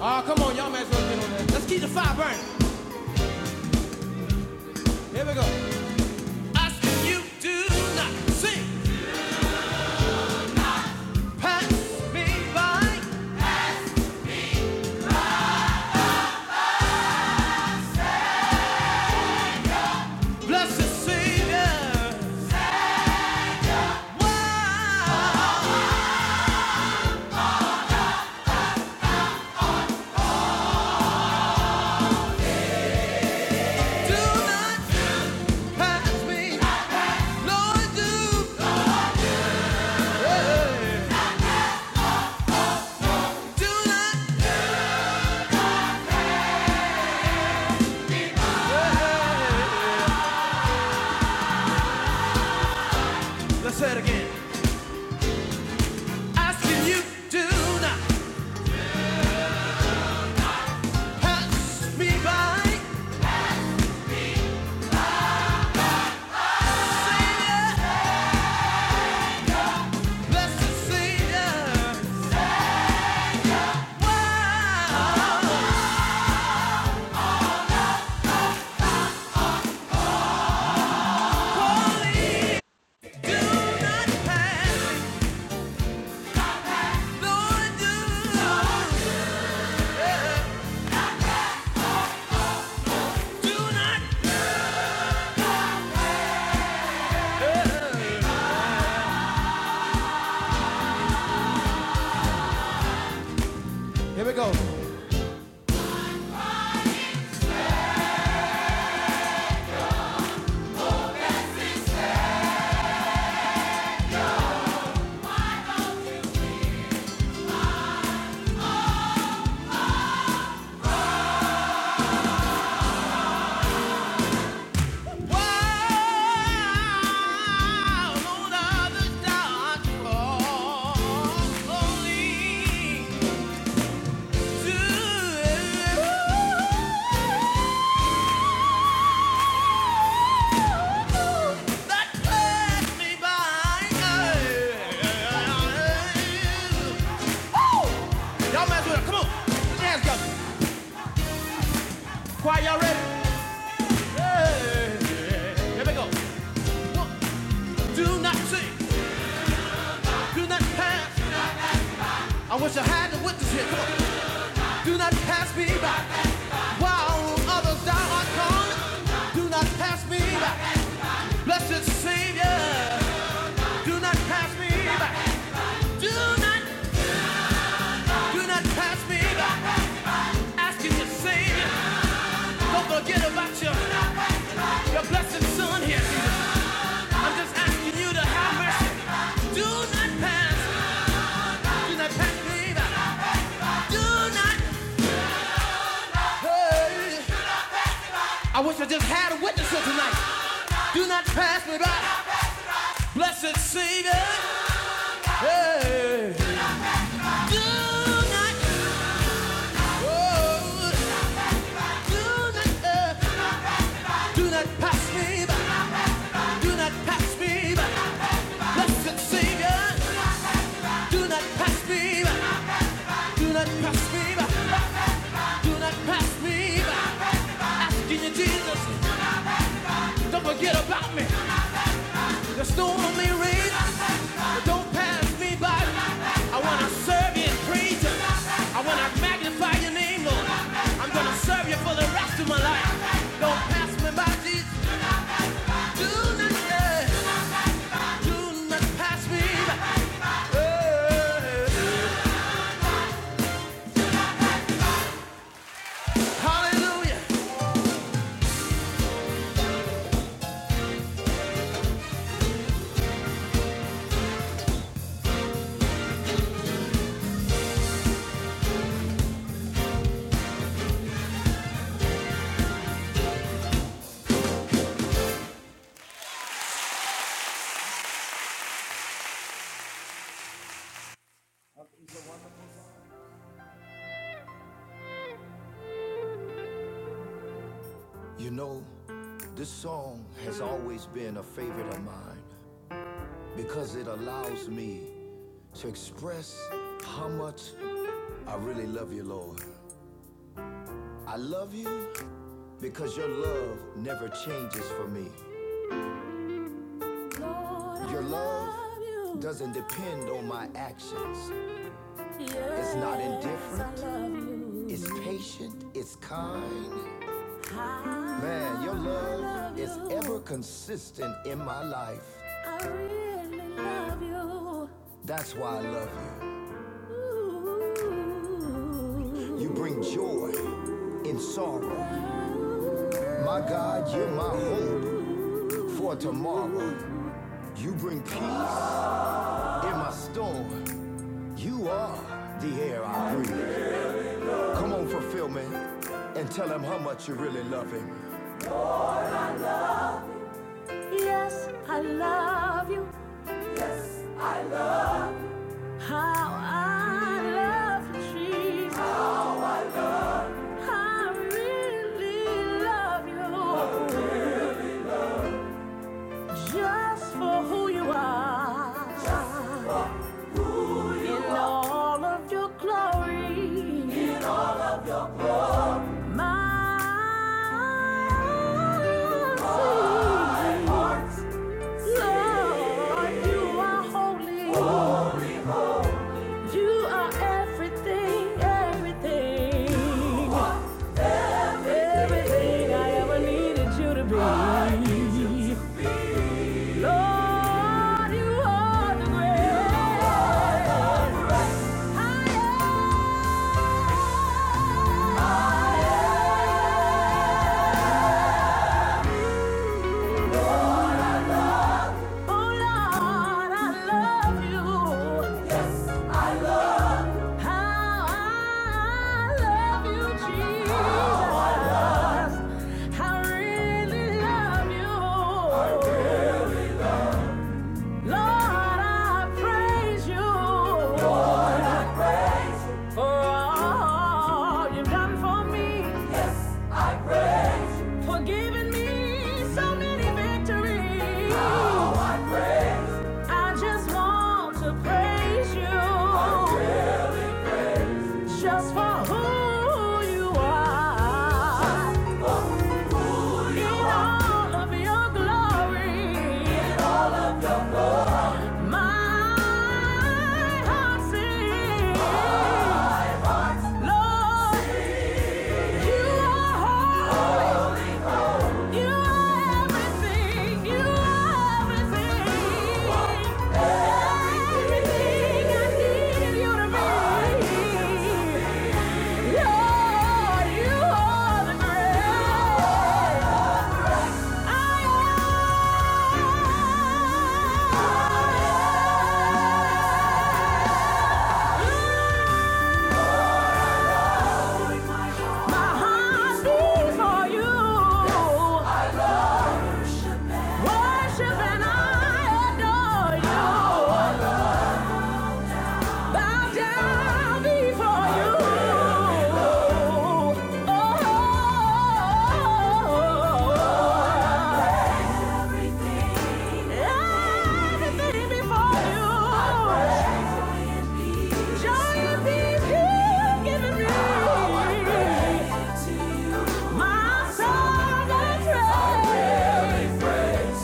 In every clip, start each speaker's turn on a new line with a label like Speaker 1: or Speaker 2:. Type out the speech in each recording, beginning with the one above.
Speaker 1: Ah, Oh, come on, y'all might as well get on that. Let's keep the fire burning. Here we go. Asking you do not sing. Pass me by, blessed Savior. Why do not pass me, Lord, do, hey, do not. Hey. Let's say it again. Asking you do not pass me by. Savior, blessed Savior. Why, Here we go. Y'all mess with it. Come on. Hands up. Choir, y'all ready? Hey, Here we go. One, Do not sing, do not pass. I wish I had the witness here. Come on. Do not pass me by. While others thou art calling, do not pass me by. Blessed Savior, do not pass me by. Do not, do not pass me by. Asking your Savior, don't forget about your, your blessed Son here. I'm just asking you to have mercy. Do not pass, do not pass me by. Do not Hey, I wish I just had a witness here tonight. Do not pass me by, blessed Savior. Hey, do not, oh, do not, uh, do not pass me by. Do not pass me by, blessed Savior. Do not pass me by. Do not pass me by. Do not pass me by. Asking you, Jesus, don't forget about me. The storm may rage. Don't pass me by. I want to serve you and praise you. I want to magnify your name, Lord. I'm going to serve you for the rest of my life. Don't pass me by, Jesus. Do not, uh, do not pass me by. Uh, hallelujah. You know, this song has always been a favorite of mine because it allows me to express how much I really love you, Lord. I love you Because your love never changes for me. Lord, Your love you. doesn't depend on my actions. Yes, it's not indifferent. It's patient, it's kind. I, Man, your love love you. is ever consistent in my life. I really love you. That's why I love you. Ooh. You bring joy in sorrow. My God, you're my hope for tomorrow. You bring peace in my storm. You are the air I breathe. Come on, fulfillment, and tell him how much you really love him. Yes, I love you. How I love you, Jesus. I really love you. Just for who you are. In all of your glory. Lord, you are the great. Higher. Higher. Oh Lord, I love you. How I love you, Jesus. I really love you. Lord, I praise you for all you've done for me, for giving me so many victories. I just want to praise you. Just for who you are. Who you In are. all of your glory. My heart sings. Lord, you are holy. You are everything. You are everything. Everything I need you to be. Worship and I adore you. bow down before you. Oh, everything before you. Joy and peace you've given me. My song and praise.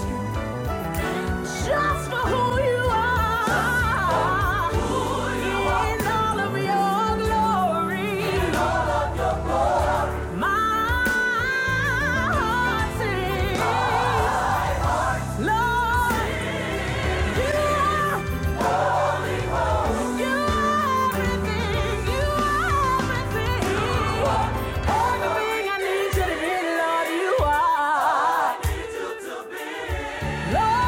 Speaker 1: Just for who you are. who you are. In all of your glory. in all of your My heart sings. ah. Lord, you are, oh. you are everything. You are everything. you are Everything I need you to be, Lord, you are. I love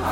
Speaker 1: you.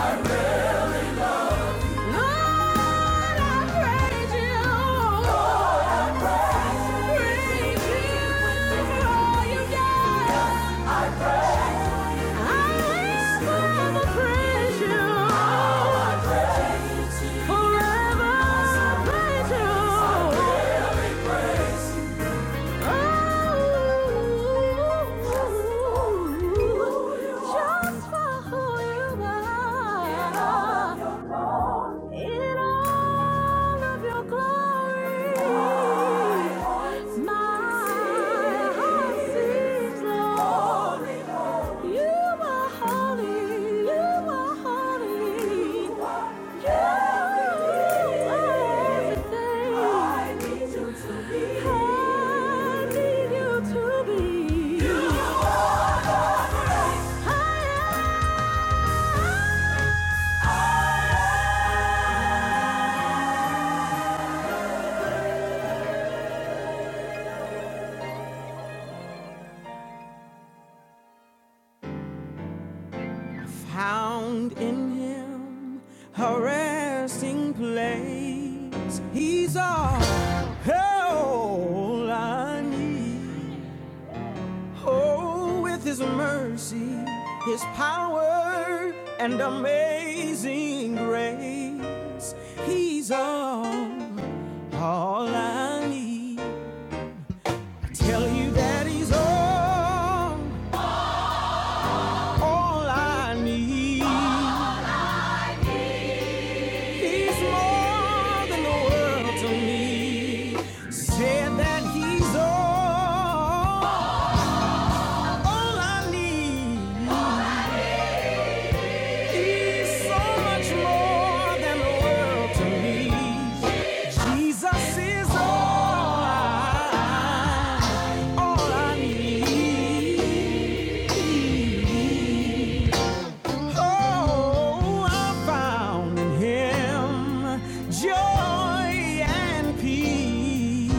Speaker 1: Just for who you are. In all of your glory, my heart sings, Lord. You are holy, you are holy. You are everything I need you to be. You are holy. I found in him a resting place. He's all all I need. Oh, with his mercy, his power, and amazing grace, he's all, all I need. I tell you that he's all, all I need. He's more than the world to me. Said that he's all, all I need. He's so much more than the world to me. Jesus is all I, all I need. Oh, I found in him joy and peace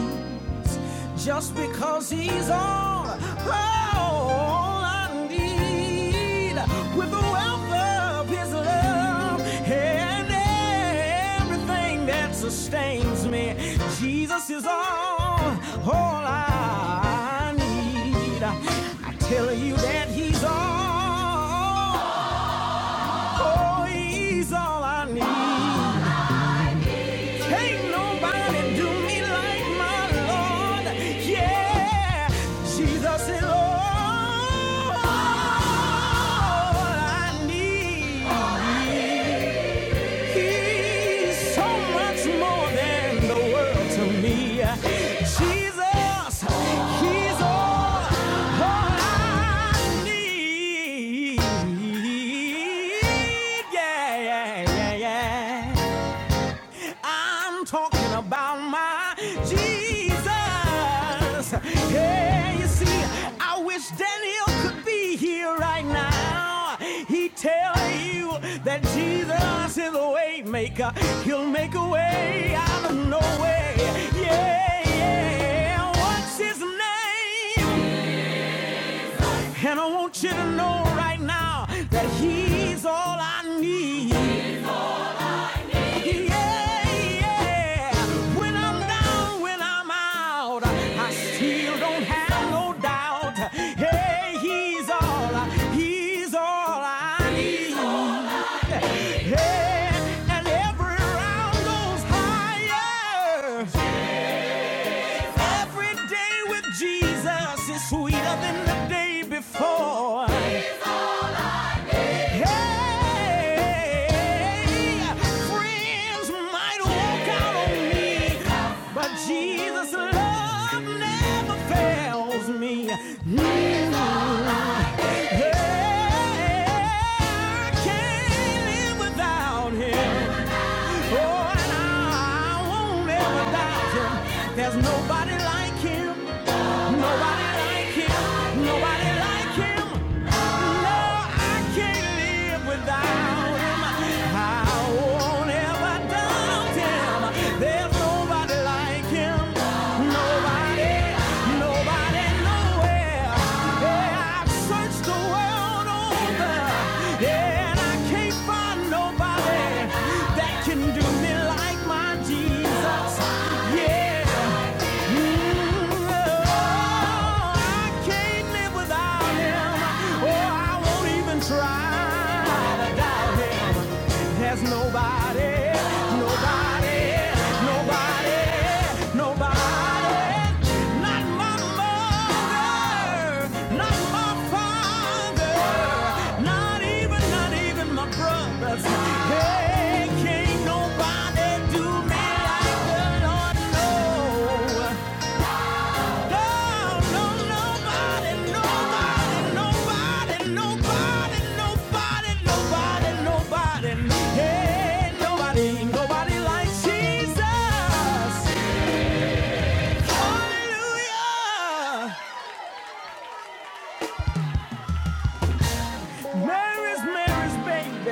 Speaker 1: just because he's all, all I need with the wealth of his love and everything that sustains me. Jesus is all, all I need. I tell you that he's all. Oh, he's all I need. Can't nobody do me like my Lord. Yeah, Jesus is all I need. He's so much more than the world to me. Jesus, He's all, all I need. Yeah, yeah, yeah, yeah. I'm talking about my Jesus. Hey, you see, I wish Daniel could be here right now. He tell you that Jesus is a way maker. He'll make a way out of no way. Yeah, yeah. What's his name? And I want you to know right now that he's all I need. Yeah, when I'm down, when I'm out, I still don't have no doubt. Hey, he's all, he's all I need. Hey, and every round goes higher. Every day with Jesus is sweeter than the day before. Hey, friends might walk out on me, but Jesus' love never fails me. Mm. Hey, can't live without Him. Oh, and I won't live without Him. There's nobody like Him. Nobody like him. Nobody like him. No, I can't live without him. I won't ever doubt him. There's nobody like him. Nobody, nobody, nowhere. Yeah, I've searched the world over, Yeah, and I can't find nobody that can do me like my Jesus. Yeah. Nobody, nobody, nobody, nobody. Not my mother, not my father, not even, not even my brothers. Hey, can't nobody do me like the Lord. No, no, no, nobody, nobody, nobody, nobody, nobody, nobody, nobody. Hey, nobody, nobody like Jesus. Hallelujah. Mary's, Mary's baby,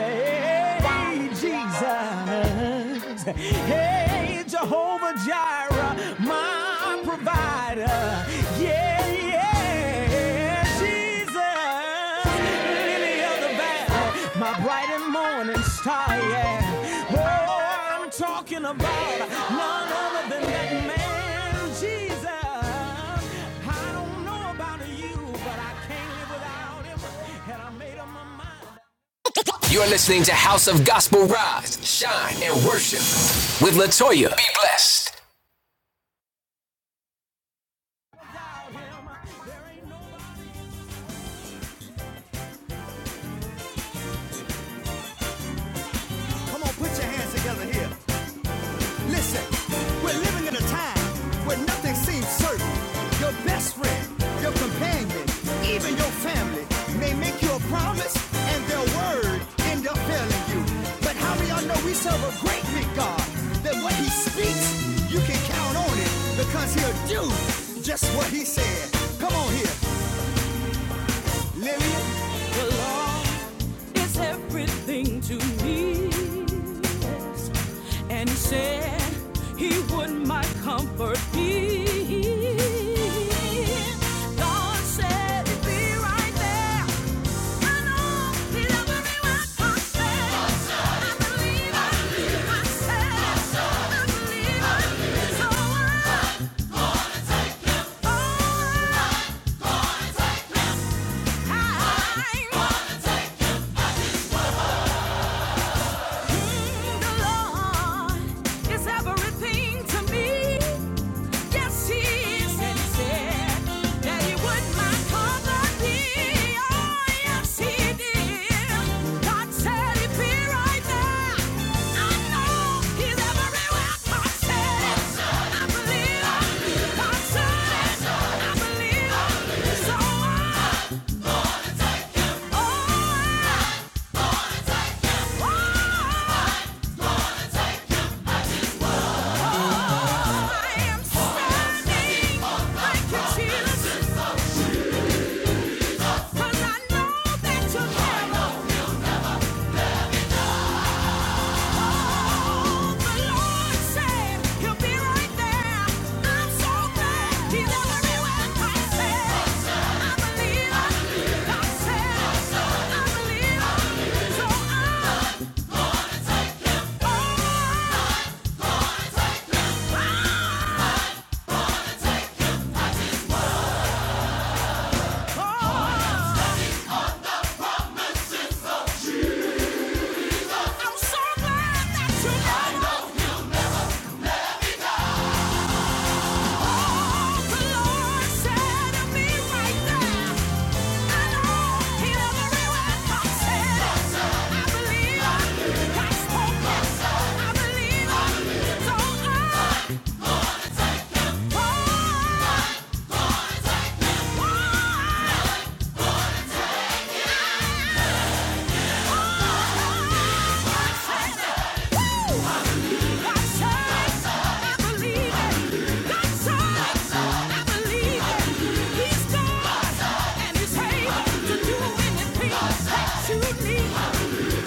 Speaker 1: Hey, Jesus. Hey, Jehovah Jireh, my provider. Yeah, yeah, Jesus, lily of the my bright and morning star, yeah. Oh, I'm talking about none other than that man, Jesus. I don't know about you, but I can't live without him, and I made up my mind. You're listening to House of Gospel Rise, Shine, and Worship with Latoya. Be blessed. Put your hands together. Listen. Living in a time Your best friend, your companion, even your family may make you a promise and their word end up failing you. But how many of y'all know we serve a great big God? That what he speaks, you can count on it because he'll do just what he said. Come on here, Lillian. Is everything to me. yes. And he said he would my comfort be. God said he'd be right there. I know he never really comes I believe I believe I believe I believe so I, oh, I take my time. Mm, The Lord is everything to me. Yes, He is. And He said that He would my cover be. Oh, yes, He did. God said He'd be right there. I know He's everywhere. God said it. I believe it. God said it. I believe it. So I, oh, I, oh, Oh, oh, oh. I'm so glad that you know. Take me.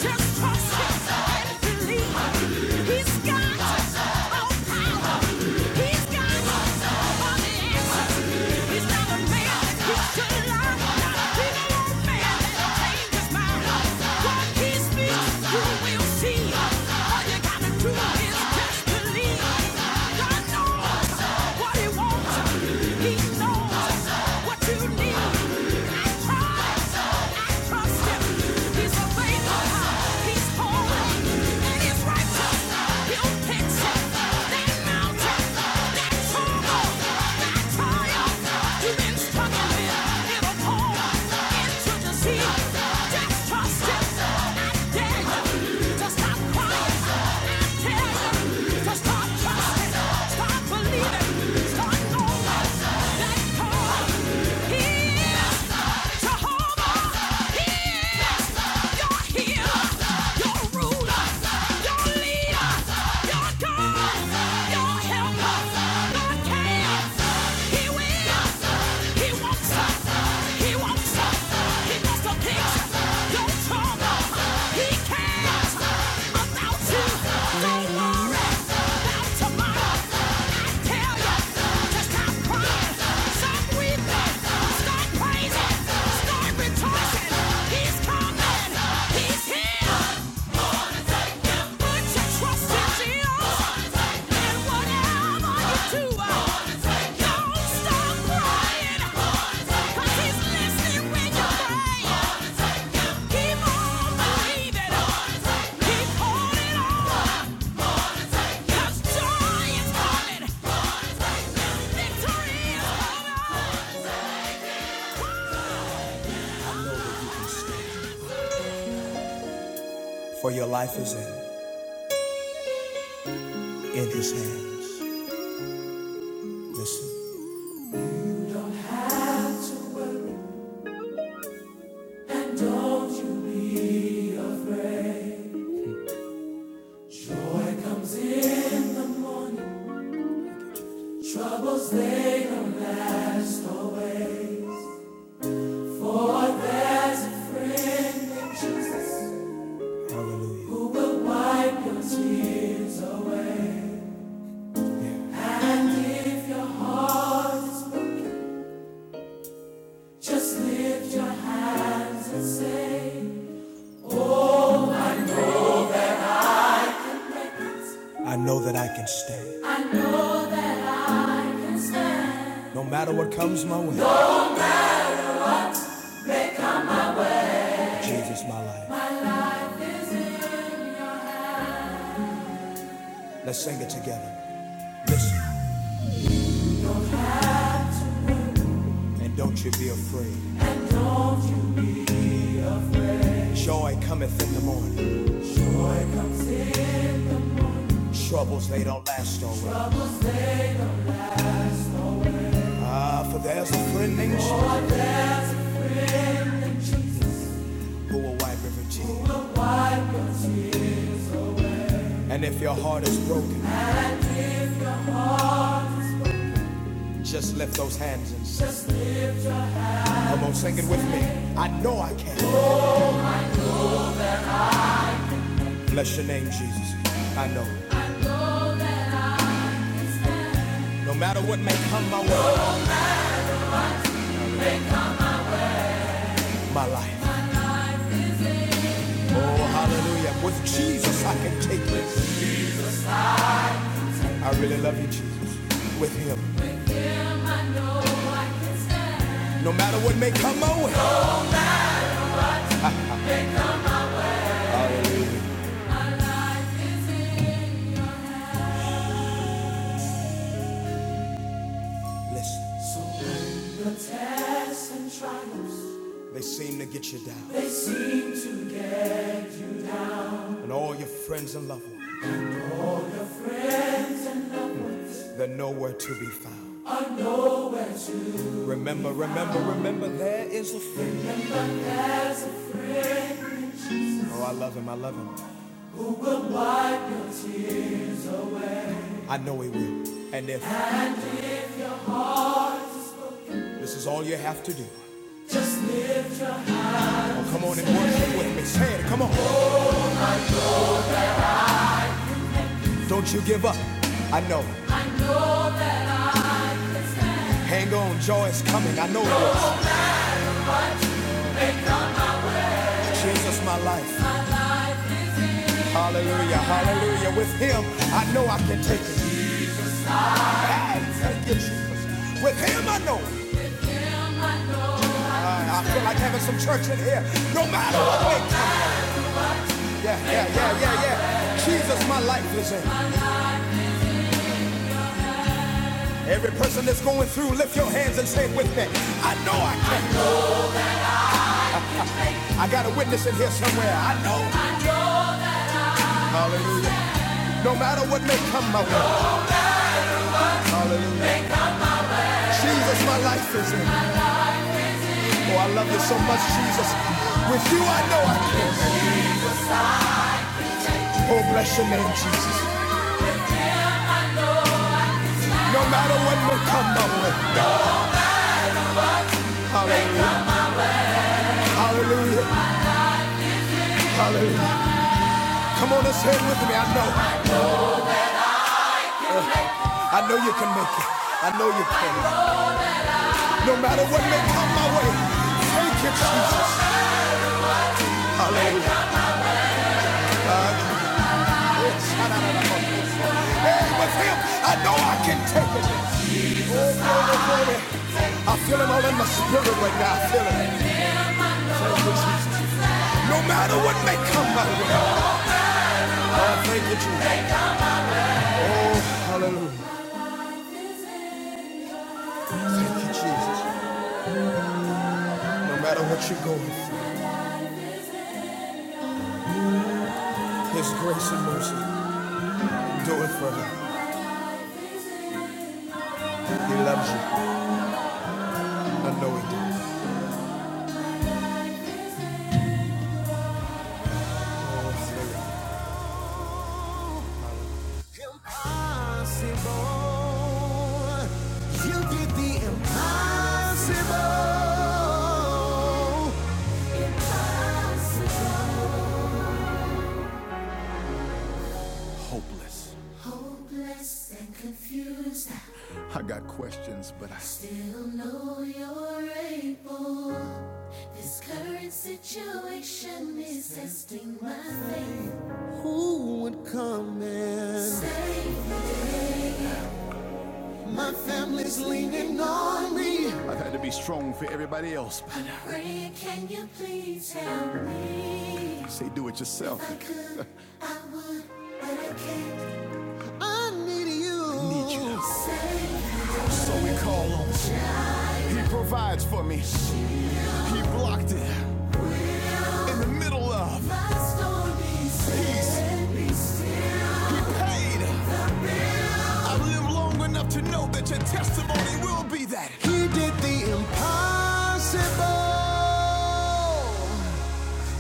Speaker 1: Just trust him and believe. He's got all power. He's got all the He's not a man that he should lie. He'll fix it. That mountain, that trouble. Your ruler, your leader, your He's coming! He's here! Let's sing it together. Listen, and don't you be afraid. Joy cometh in the morning. Troubles, they don't last always. Ah, for there's a friend named Jesus who will wipe every tear. And if your heart is broken, just lift those hands and sing. Come on, sing it with me. I know I can. Bless your name, Jesus. I know. No matter what may come my way, my life. Oh, hallelujah. With Jesus, I can take this. I really love you, Jesus. With him. No matter what may come my way. Hallelujah. Listen. They seem to get you down. And all your friends and loved ones, they're nowhere to be found. Remember, remember, remember, there is a friend. Oh, I love him, I love him. I know he will. And if this is all you have to do, oh, come on and worship with me. Say it, come on. Don't you give up. I know. Hang on, joy is coming. I know it is. Jesus, my life. Hallelujah, hallelujah. With him, I know I can take it. I thank you, Jesus. With him, I know. I, I feel like having some church in here. No matter what Yeah, yeah, yeah, yeah, yeah. Jesus, my life is in. Every person that's going through, lift your hands and say it with me. I know I can. I got a witness in here somewhere. I know. Hallelujah. No matter what may come my way. Hallelujah. Jesus, my life is in. Oh, I love you so much, Jesus. With you, I know I can. Oh, bless your name, Jesus. No matter what may come my way. Hallelujah. Hallelujah. Hallelujah. Come on and say it with me. I know. I know you can make it. I know you can. No matter what may come my way. Thank you, Jesus. Hey, with him, I know I can take it. Oh, I feel it all in my spirit right now. I feel it. No matter what may come my way. Oh, thank you, Jesus. Oh, hallelujah. Thank you, Jesus. No matter what you're going through, His grace and mercy do it for forever. He loves you. I know He does. Impossible. You did the impossible. Hopeless and confused. I got questions, but I still know you're able. This current situation is testing my faith. Who would come and save? No I've had to be strong for everybody else. But Ray, can you please help me? Say, do it yourself. I could, I I need you. I Need you. So we call him. He provides for me. He blocked it in the middle of. peace. he paid. I've lived long enough to know that your testimony will be that. He did the impossible.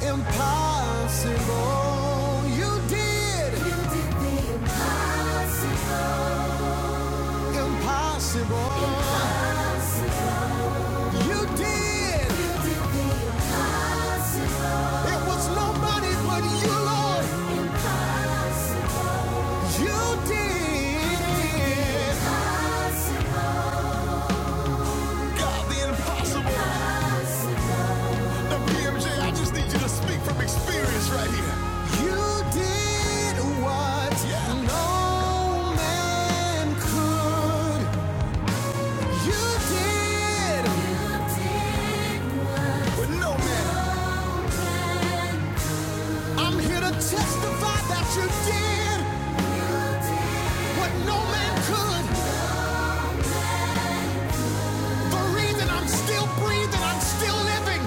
Speaker 1: Impossible. You did. you did impossible. impossible. You did. Impossible. It was nobody but you, Lord. You did. God, the impossible. WMJ, I just need you to speak from experience right here. You did what Yeah. no man I'm here to tell that you did what no man could. The reason I'm still breathing, I'm still living.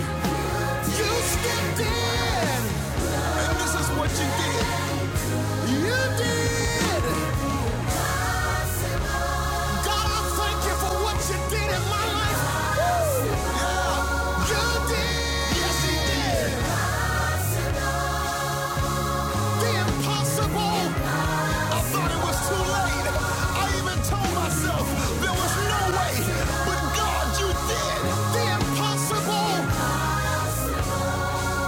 Speaker 1: You stepped in. And this is what you did. You did. God, I thank you for what you did in my life. Yeah, you did. Yes, The impossible. I thought it was too late. I even told myself there was no way. But God, you did the impossible.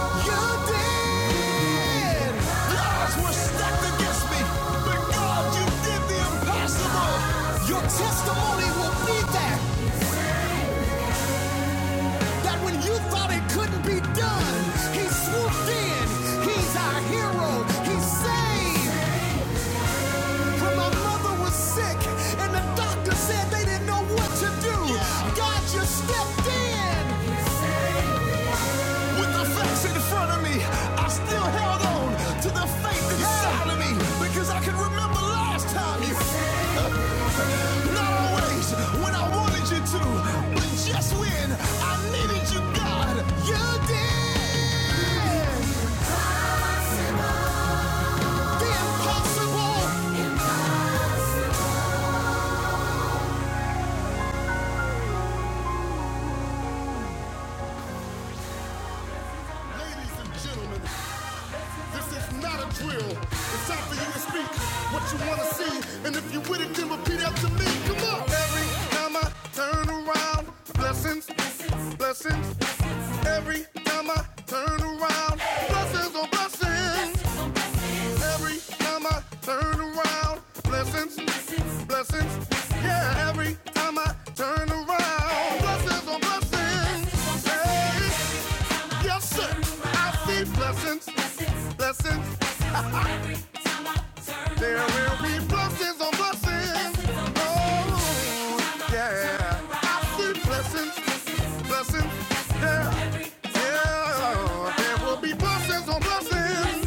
Speaker 1: You did. The were stacked against me. But God, you did the impossible. Your testimony will be there. that when you thought it couldn't be done, he swooped in. He's our hero. He saved. When my mother was sick and the doctor said they didn't know what to do, God just stepped in. The facts in front of me, to the side of me. but The last time you, not always when I wanted you to, but just when I needed you, God again. The impossible drill. It's time for you to speak what you wanna see, and if you with it, then repeat after me. Come on. Every time I turn around, blessings, blessing. Time I turn around, blessings on blessings. Every time I turn around, blessings, blessings. Yeah. Every time I turn around, blessings on blessings. Hey. Yes, sir. I see blessings, blessings. There will be blessings on blessings. Oh, yeah. I see blessings, blessings. Yeah, yeah. There will be blessings on blessings.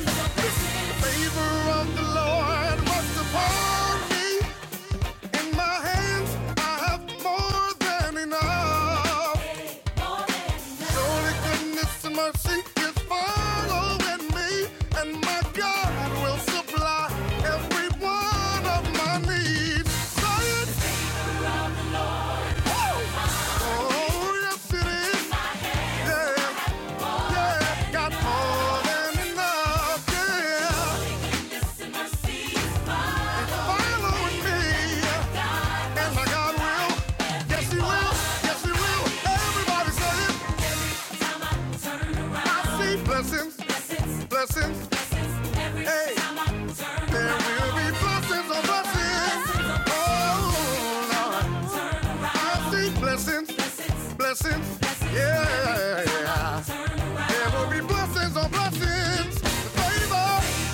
Speaker 1: Favor of the Lord rest upon me. In my hands, I have more than enough. Surely goodness and mercy is following me, and my God will supply every one of my needs. I see blessings. blessings, blessings, a blessing. Oh Lord, I see blessings, blessings, yeah. yeah. There will be blessings on blessings, favor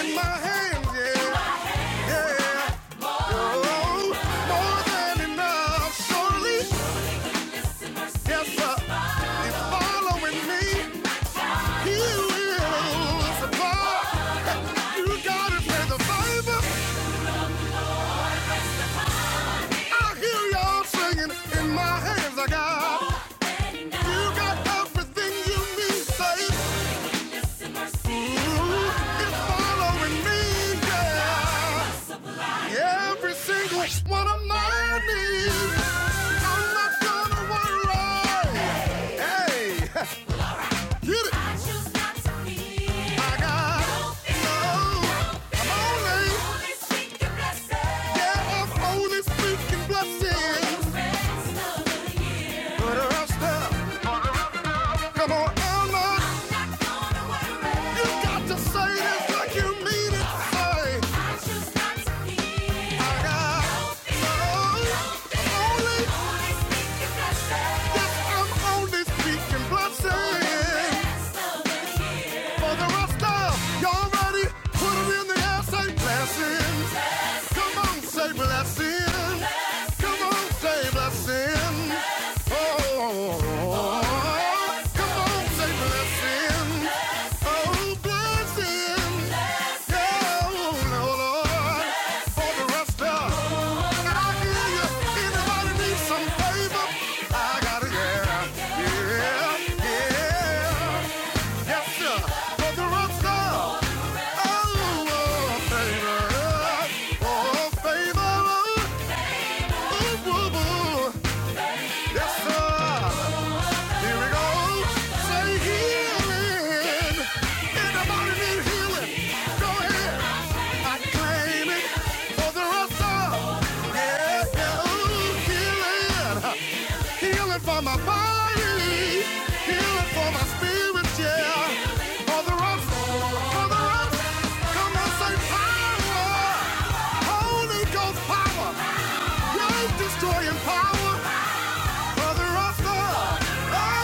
Speaker 1: in my hands, yeah, yeah. Oh, more than enough, surely, yes sir. He's following me. You got you. It's not gonna worry. Hey, get it. I choose not to fear. Come on. Put her up, step. Come on, Elmer. You got to say this like you mean it. Say, I got no, only. Yes, I'm only speaking blessing. For the rest of y'all ready? Put in the air, say blessing. Come on, say blessing. Come on, say blessing. Oh, come on, say blessing. Oh, blessing. Yeah, oh, no, Lord. For the rest of I claim it. For the rest of healing for my body, for my spirit, yeah. For the rest come on, say Holy Ghost power, life destroying power. For the rest of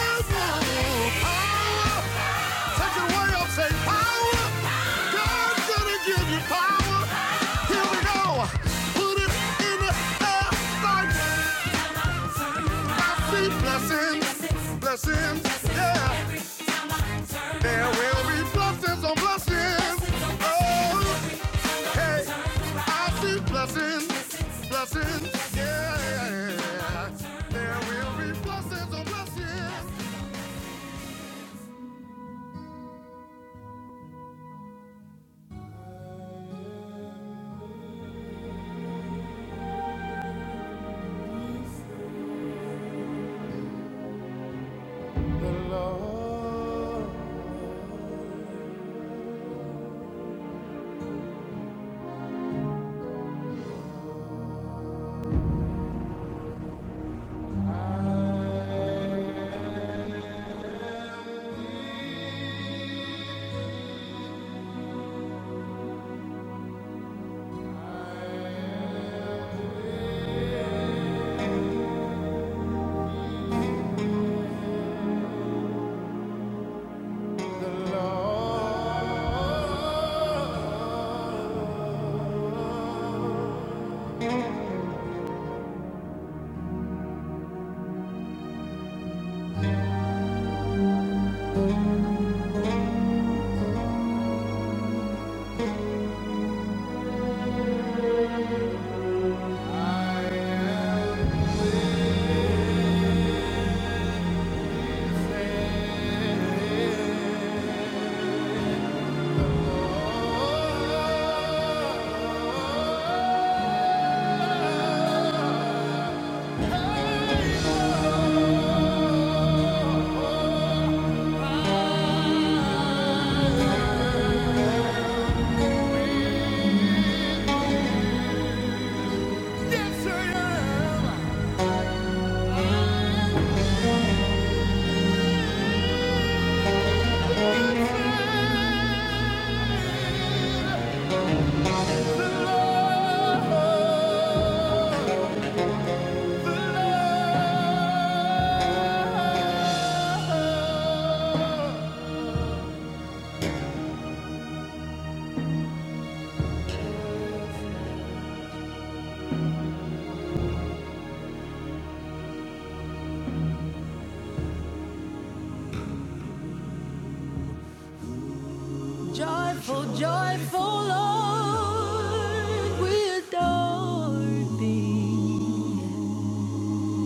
Speaker 1: Joyful, joyful Lord, we adore thee.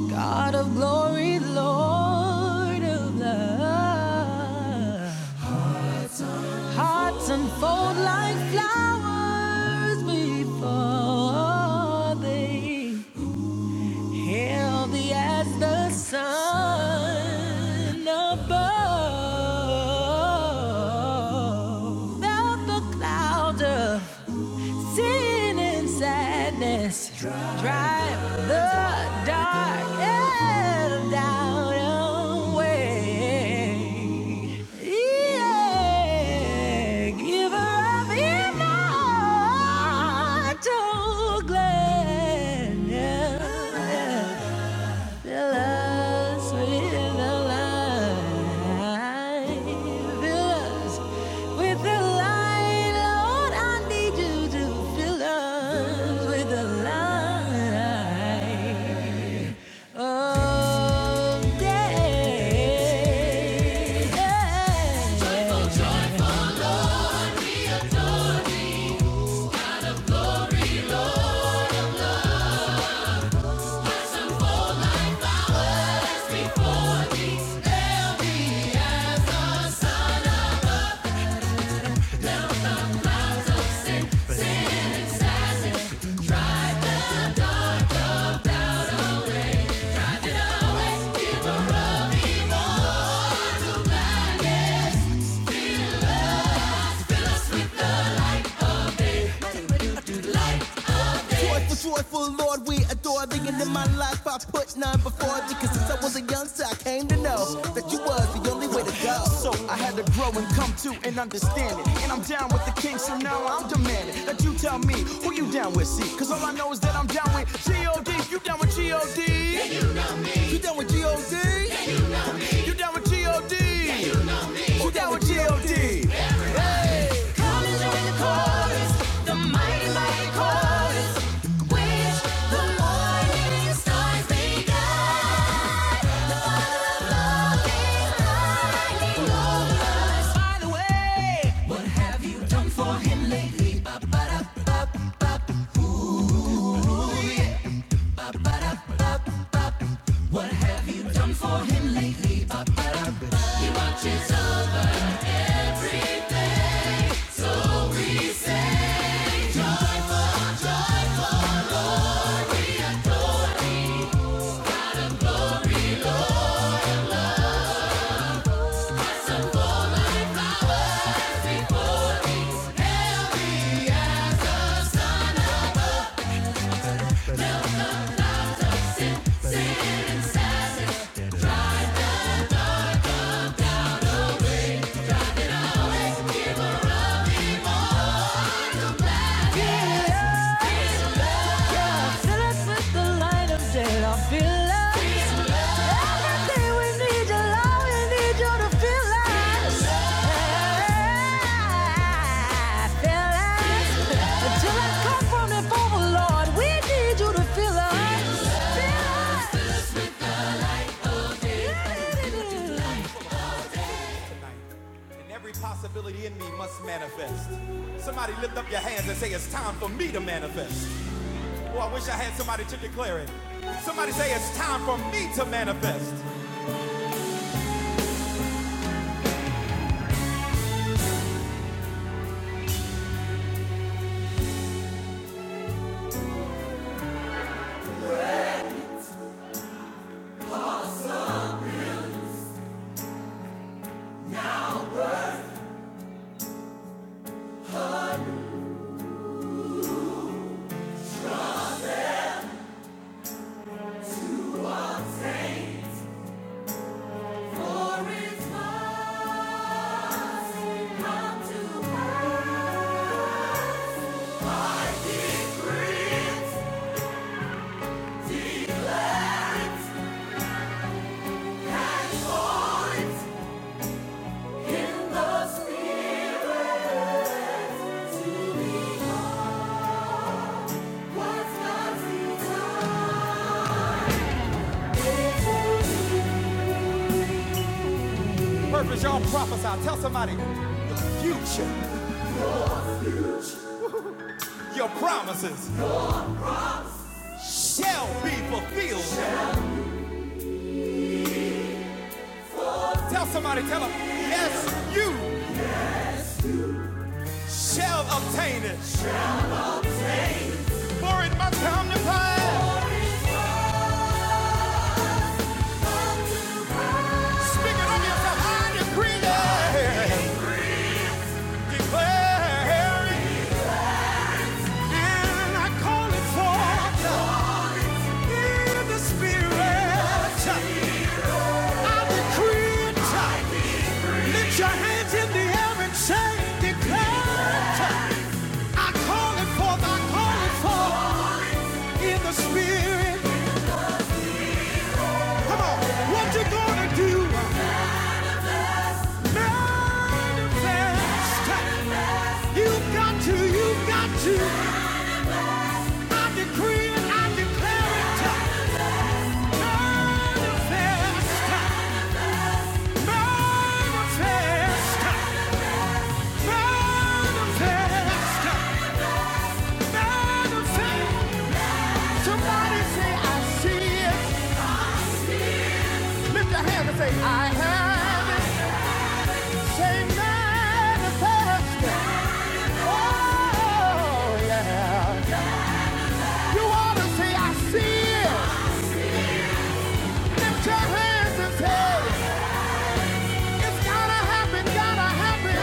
Speaker 1: God of glory, Lord of love. Hearts unfold like flowers before thee. Healthy as the sun above, without the cloud of sin and sadness, drive the dark and doubt away. Yeah, giver of immortal gladness. Villas, with the light. Villas, with the light. Lord, I need you to fill us with the light of day. Joyful, joyful Lord, we adore thee. And in my life, I put none before thee. Cause since I was a young son, I came to know that you was the only way to go. So I had to grow and come to an understanding. And I'm down with the king, so now I'm demanding that you tell me who you down with, see. Cause all I know is that I'm down with G.O.D. You down with G.O.D. You down with G.O.D.? You down with G.O.D. You down with G.O.D. Come and the chorus, the mighty, mighty chorus, which the morning stars began. The Father of love By the way, what have you done for him lately? Ba, ba, da, ba, ba. Feel us tonight, and every possibility in me must manifest. Somebody lift up your hands and say, It's time for me to manifest. Oh, I wish I had somebody to declare it. Somebody say, It's time for me to manifest. For it's mine, come to pass. For it's in the spirit to be what's God's design. Purpose, y'all prophesy. Tell somebody, The future, your promises shall be fulfilled. Tell somebody, tell them, yes, you shall obtain it. For it must come to pass. Speak it over yourself. I decree and I call it forth in the spirit. I decree it. Lift your hands in the air and say, declare it. I call it forth, I call it forth in the spirit. What you gonna do? You've got to, you've got to. I decree and I declare it manifest, manifest, manifest, Somebody say, I see it. Lift your hand and say, I have it. Say, manifest. Oh, yeah. You ought to say, I see it. Put your hands and say, it's to happen, gotta happen.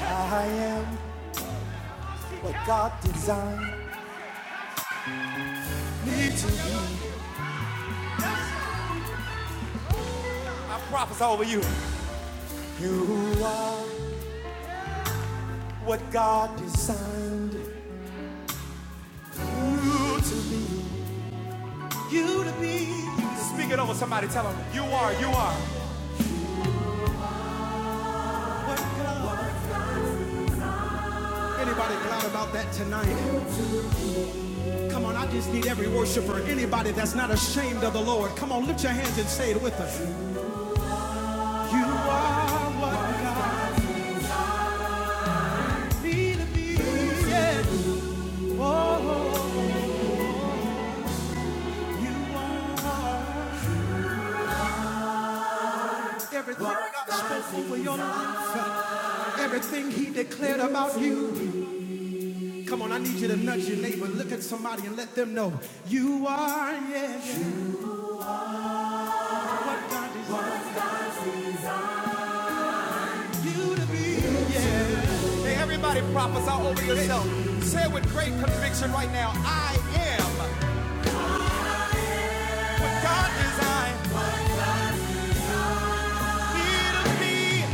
Speaker 1: I am what God designed me to be. I prophesy over you. You are what God designed you to be. You to be. Speak it over somebody. Tell them you are. You are. What God. Anybody glad about that tonight? Come on, I just need every worshiper, anybody that's not ashamed of the Lord. Come on, lift your hands and say it with us. You are what God made to be. Yeah. Oh, you are everything God spoke over your life. Everything he declared about you. Come on, I need you to nudge your neighbor. Look at somebody and let them know you are, yeah, what God desires you to be. Hey, everybody, prophesy over yourself. Say it with great conviction right now I am what God designed me to be.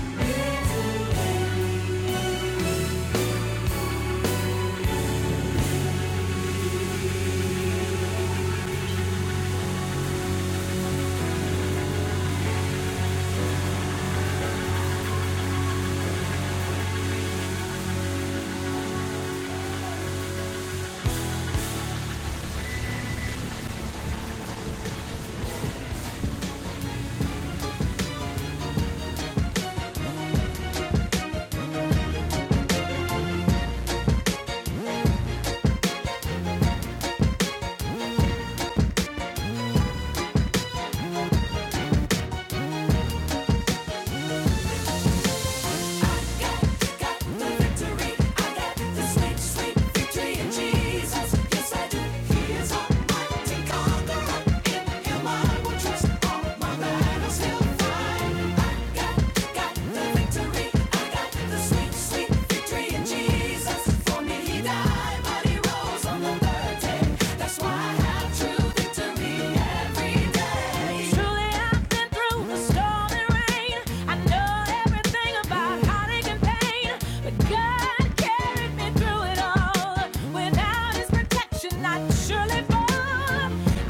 Speaker 1: Truly, I've been through the storm and rain. I know everything about heartache and pain, but God carried me through it all. Without His protection, I'd surely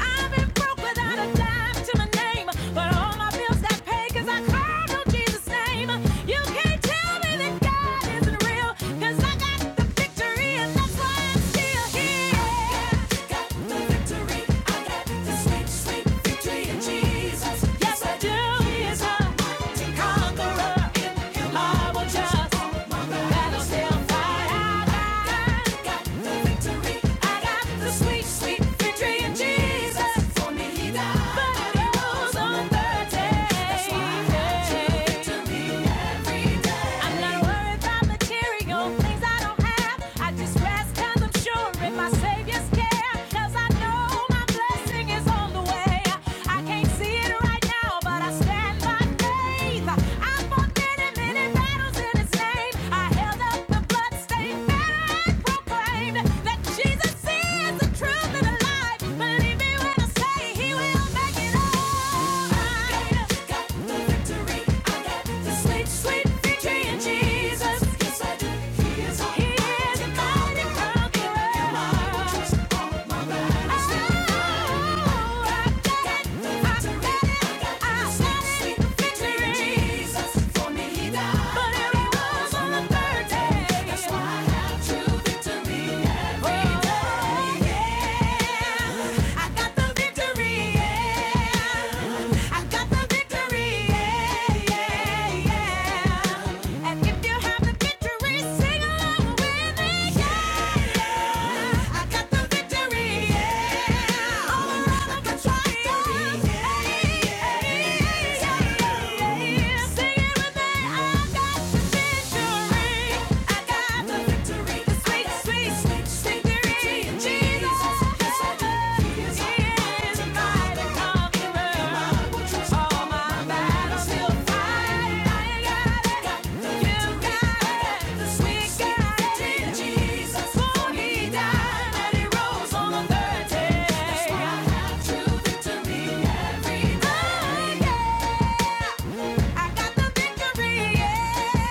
Speaker 1: I've been broke without a dime to my name, but all my bills I pay 'cause I called on Jesus' name. You can't tell me that God isn't real, 'cause I got the victory and that's why I'm still here. Got the victory, I got the sweet, sweet victory in Jesus. Yes, I do. He is a conqueror. I will just battle fight. I got the victory. I got the sweet, sweet victory in Jesus. For me, he died, but he rose on the day. That's why I victory every day. I'm not worried about material things I don't have. I just rest 'cause I'm sure my Savior's care. 'Cause I know my blessing is on the way. I can't see it right now, but I stand by faith. I fought many, many battles in His name. I held up the bloodstained banner and proclaimed that Jesus is the truth and the life. Believe me when I say He will make it alright. Got the victory. I got the sweet, sweet victory in Jesus. Yes, I do. He is my He conqueror. And if you have the victory, sing along with me. Yeah, yeah. Sweet guy. I got the victory, yeah.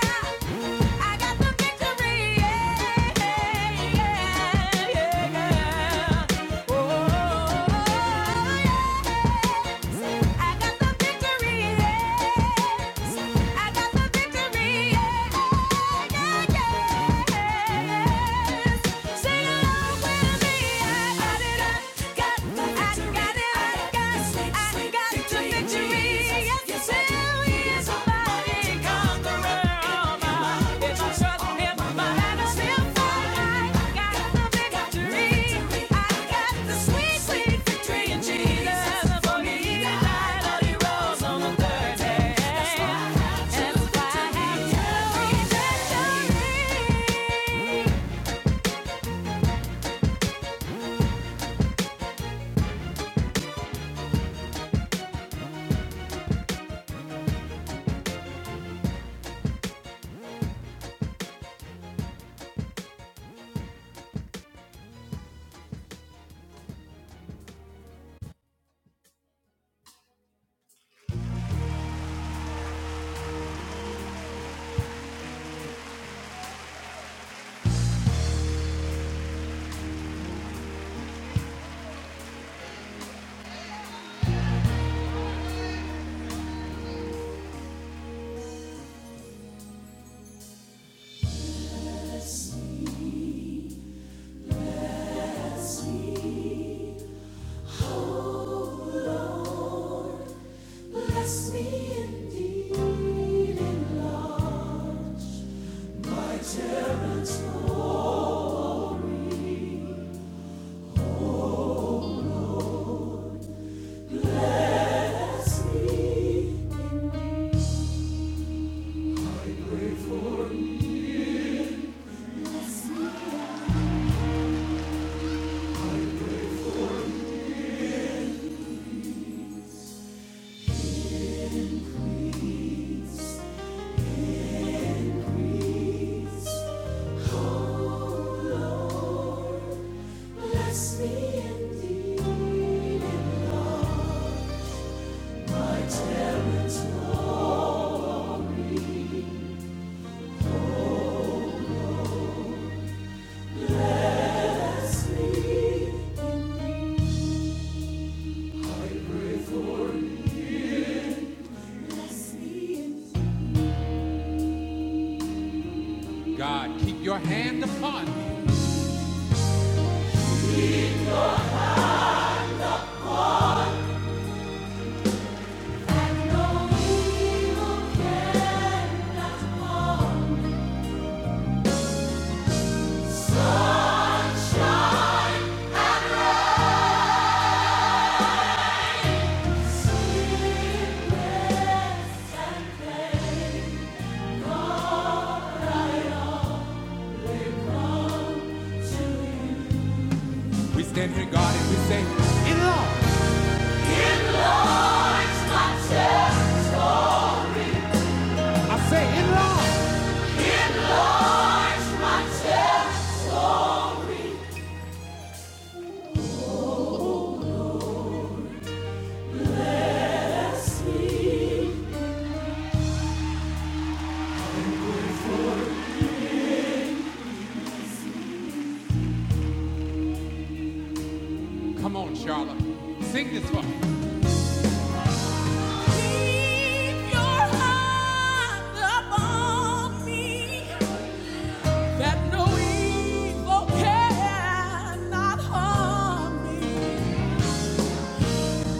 Speaker 1: I got the victory, yeah. Jesus for me, the night that he rose on the third day.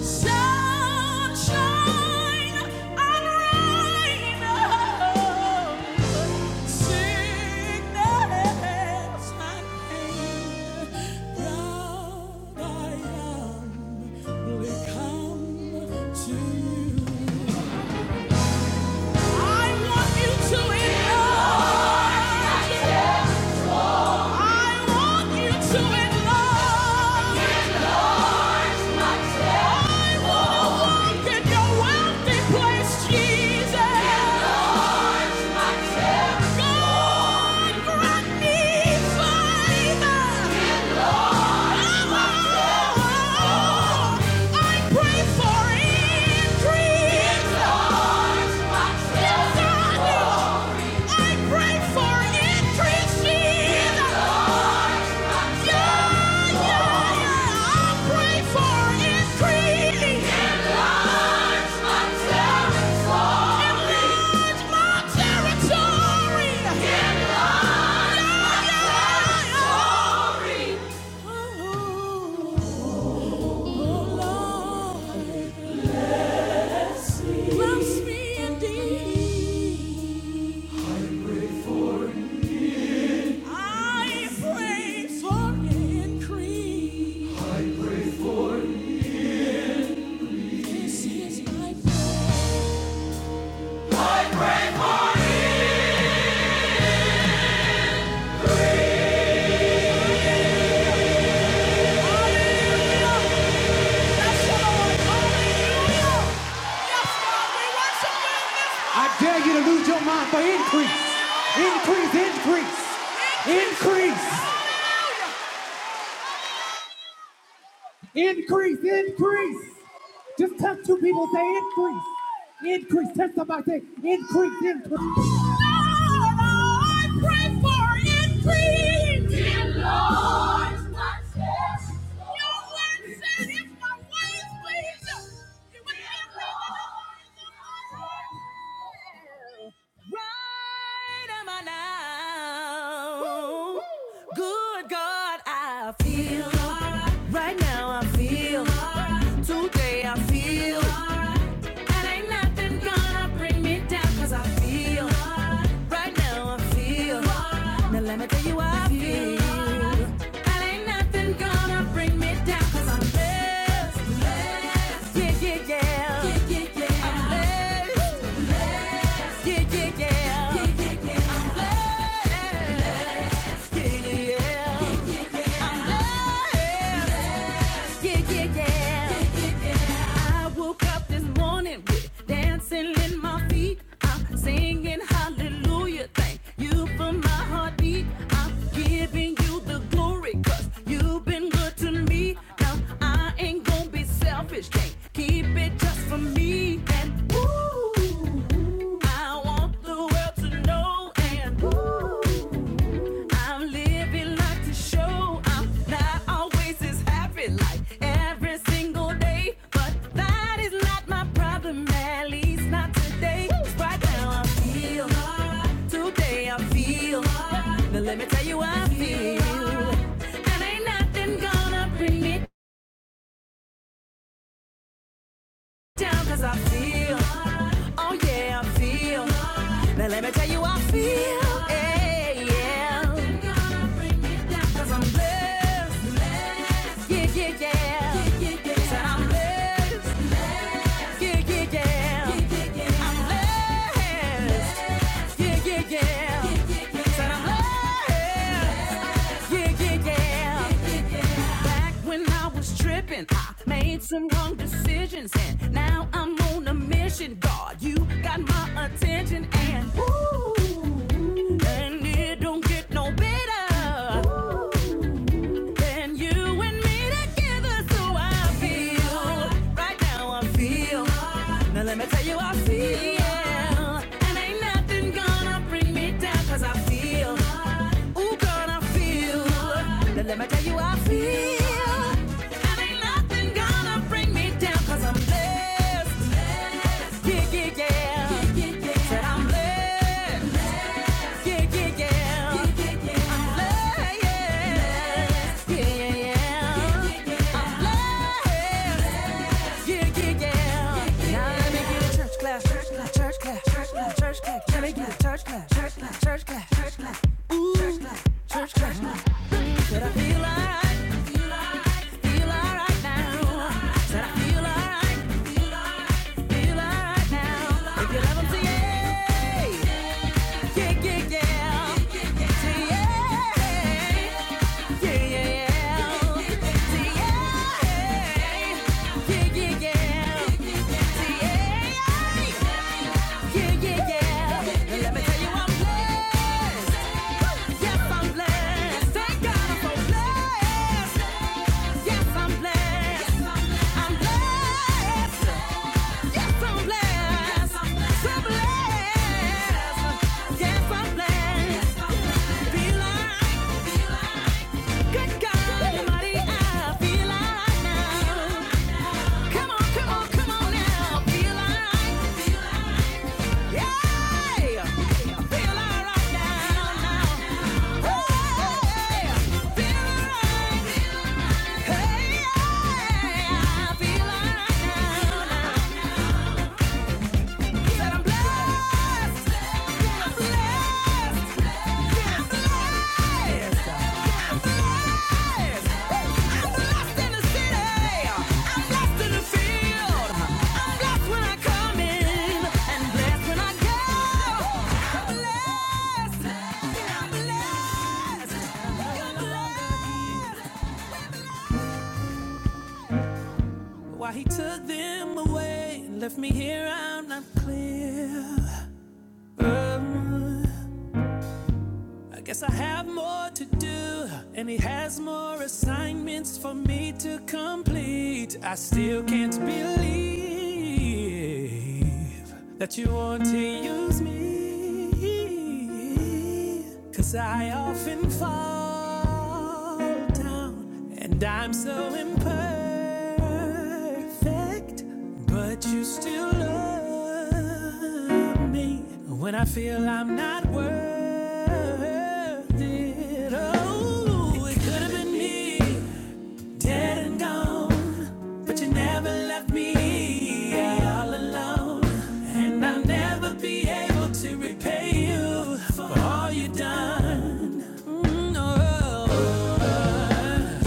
Speaker 1: Sunshine and rain. Sickness and pain, proud I am, will come to you. I want you to enlarge. I want you to enlarge. Look your wealthy place, Jesus. I pray for increase. I pray for increase. Increase, increase, increase. Just touch two people, say increase, increase. Touch somebody, say increase, increase. I pray for increase. Dear Lord, my flesh. Your word said if my ways please you, you would give the desires of my heart. Right am I now? Good God, I feel alright. Right now I feel alright. today. I feel alright. and ain't nothing gonna bring me down. Cause I feel alright. right now. I feel alright. now. Let me tell you, how I feel. alright. And ain't nothing gonna bring me down. Cause I'm blessed. Blessed. Yeah, yeah, yeah. Yeah, yeah, yeah. I'm blessed. Yeah, yeah, yeah. Yeah, yeah, yeah. I'm blessed. yeah, yeah, yeah. yeah yeah. yeah. I woke up this morning with dancing in my feet. I'm singing hallelujah. Thank you for my heartbeat. I'm giving you the glory because you've been good to me. Now I ain't gonna be selfish. Can't keep it just for me. And ooh, I want the world to know. And ooh, I'm living life to show I'm not always as happy like every single day. But that is not my problem, at least not today. Right now I feel high. Today I feel high. Now let me tell you how I feel. And ain't nothing gonna bring me down 'cause I feel high. Oh yeah, I feel. Now let me tell you, I feel. Hey, yeah. Cause I'm blessed. Yeah, yeah, yeah. Said I'm blessed. Yeah, yeah, yeah. I'm blessed. Yeah, yeah, yeah. I made some wrong decisions and now I'm on a mission. God, you got my attention and ooh, and it don't get no better. Ooh. Then you and me together, so I feel. Right now I feel. Now let me tell you I feel. And ain't nothing gonna bring me down, I feel. Ooh, girl, I feel. Now let me tell you I feel. And ain't nothing gonna bring me down, i I'm blessed. Yeah, yeah, yeah. Said I'm blessed. Yeah, yeah, yeah. I'm blessed. Yeah, yeah, yeah. I'm blessed. Yeah, yeah, yeah. Now let me get a church class, church class, church class, church class, church class. church class, church class, church class, church class. Ooh, church class. Yeah. Yes, I'm blessed. Be like, be like. Good God Almighty, I feel alright now. Come on, come on, come on now. Feel alright. Yeah. Feel alright now, now. Hey, feel alright. Hey, yeah. Feel alright now, now. Why he took them away and left me here, I'm not clear. Uh, I guess I have more to do, and he has more assignments for me to complete. I still can't believe that you want to use me, 'cause I often fall down, and I'm so imperfect perfect, but you still love me when I feel I'm not worth it. Oh, it could have been me, dead and gone, but you never left me yeah, all alone, and I'll never be able to repay you for all you've done. Mm, oh.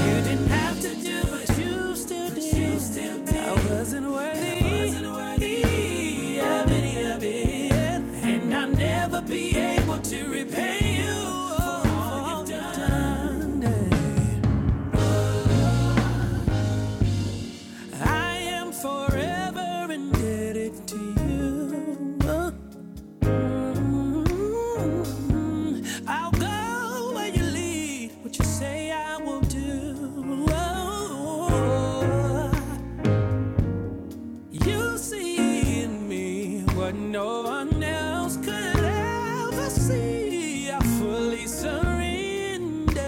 Speaker 1: You didn't have to do it, you still did. I wasn't worthy. You see in me what no one else could ever see. I fully surrender,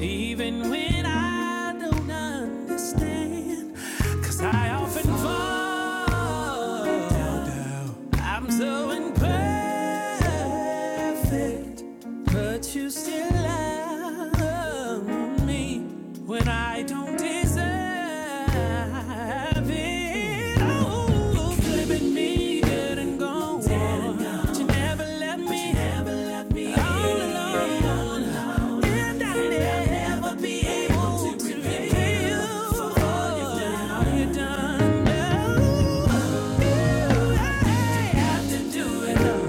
Speaker 1: even when I don't understand, 'Cause I often fall down, down. I'm so imperfect. But you still love me when I don't deserve it. Oh, could have been me, good and gone. But you never left me, never left me all alone. And I will never be able to repay you for all you've done. No, you have to do it all.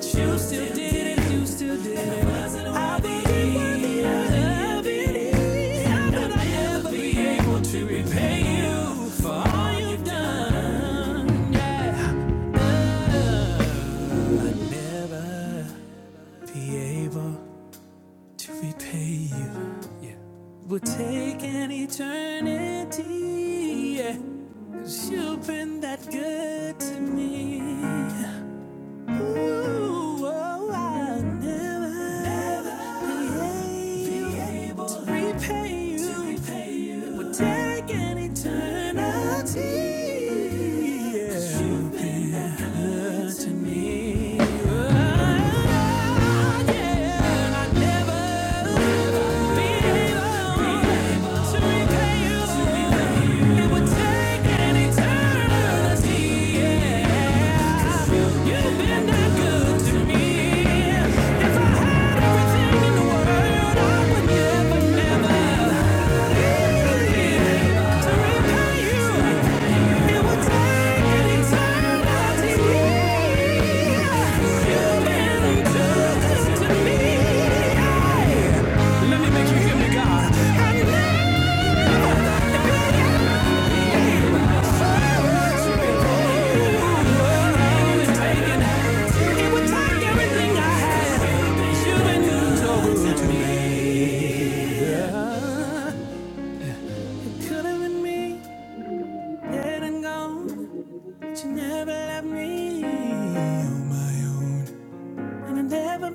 Speaker 1: You still did it, you still did it. I believe, I believe that I'll never be able to repay you for all you've done. Be able to repay you will take an eternity. Yeah, you've been that good to me. Ooh, oh, I'll never, be able to repay you. Would take an eternity. Yeah. 'Cause you've been that good to me. To repay you, it would take an eternity. Yeah. You've been that good to me. Taking the world I would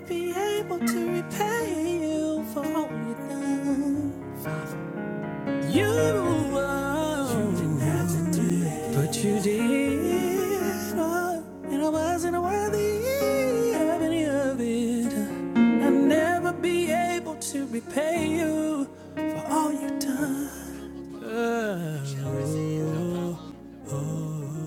Speaker 1: Be able to repay you for all you've done. You were, you didn't have to do that. but you did, oh, and I wasn't worthy of any of it. I'll never be able to repay you for all you've done. Oh, oh. oh.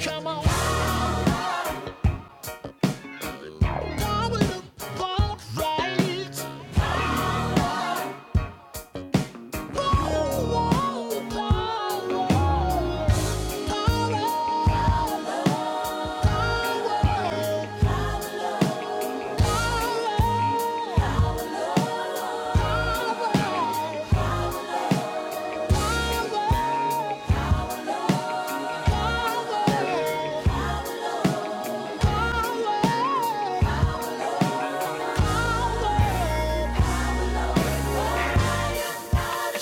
Speaker 1: Come on, double to ball right. Power, power, power, power, power. Power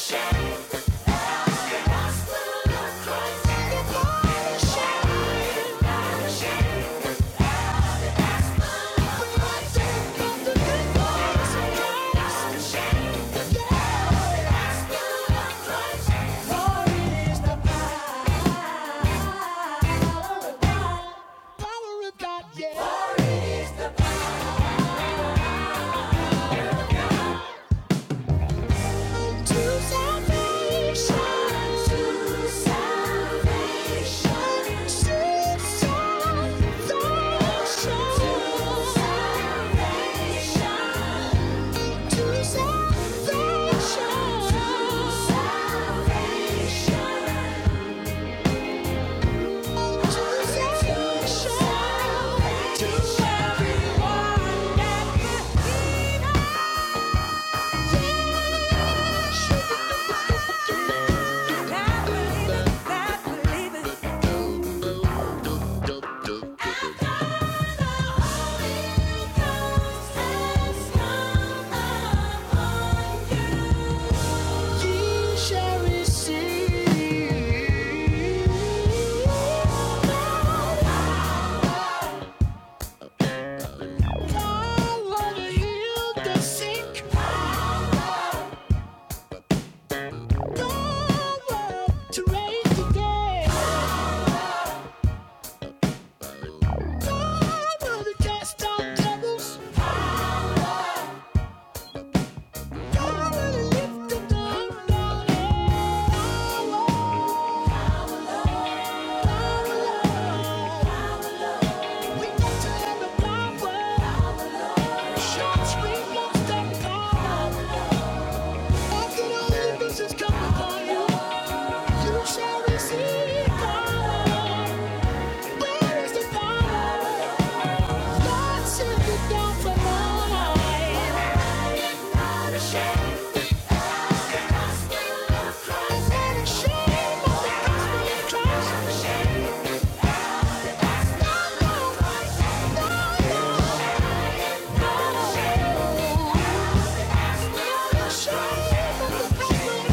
Speaker 1: of God, yeah. To salvation, to salvation, to salvation, to salvation, to everyone that you need. Power heal the sick. Power. Where is the power? Do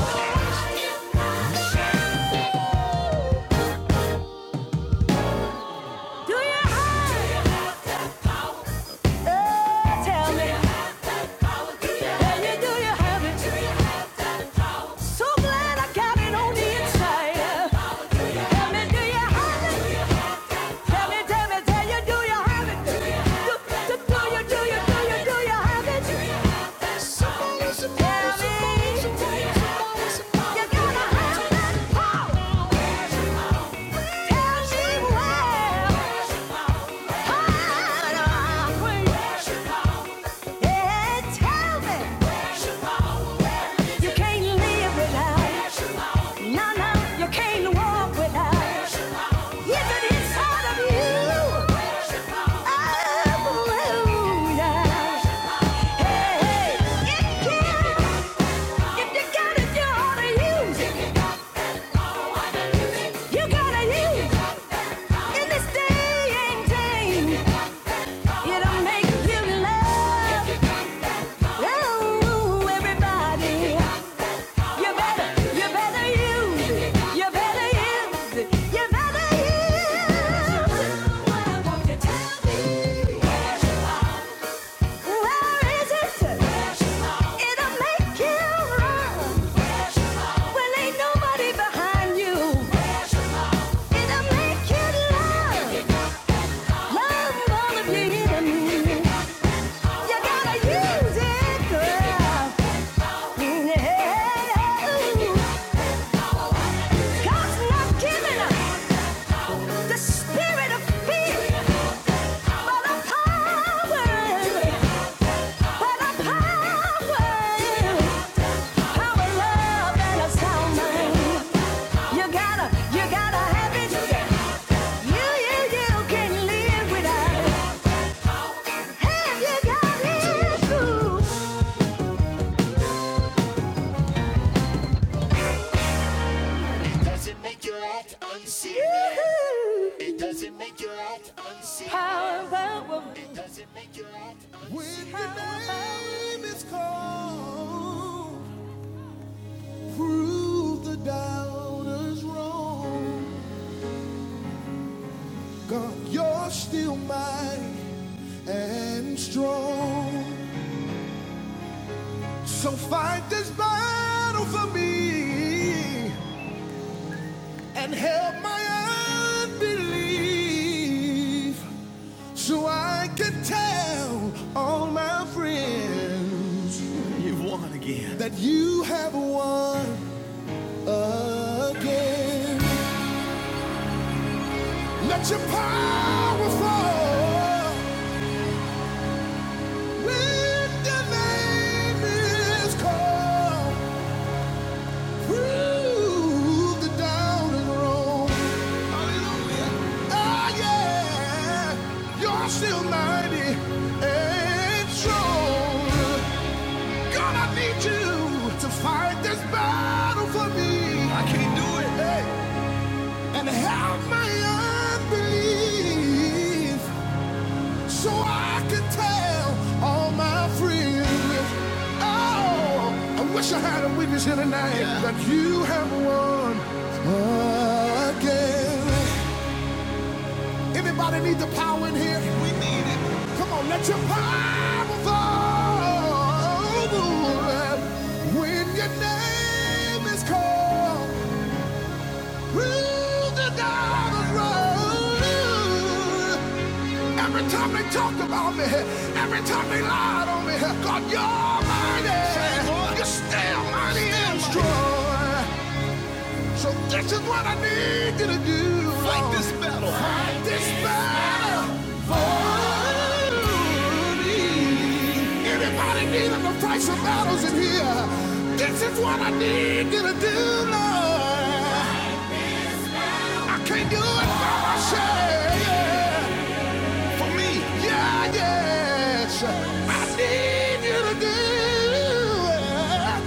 Speaker 1: you have it? Tell me. Tell me, do you have it? So glad I got on the inside. Tell me, do you have it? Tell me, tell me, tell you, do you have it? Do, you, do you, do you, do you have it? Somebody should tell me. You gotta have that Tell me where. Yeah, tell me. You can't live without. No, no, you can't walk without. You better use it. You You better better use use it. You better use it. You gotta, you gotta have it. You, you, you can live without Have you got it? Does it make you act unserious? It doesn't make you act unseen. How about It doesn't make you act unseen. When the name is called, prove the doubters wrong. God, you're still mighty and strong. So fight this battle for me and help my unbelief. It's called wrong. Oh, yeah. You're still mighty and strong. God, I need you to fight this battle for me. I can't do it. Hey. And help my unbelief so I can tell all my friends. Oh, I wish I had a witness here tonight Yeah. that you have won again. Anybody need the power in here? We need it. Come on, let your power fall. When your name is called, through the diamond road. Every time they talked about me, every time they lied on me, God, you're mighty. You're still mighty and strong. So this is what I need you to do. Fight this battle. Fight this battle for me. Anybody needing to fight some battles in here? This is what I need you to do, Lord. I can't do it by myself. Yeah. For me. Yeah, yes. I need you to do it.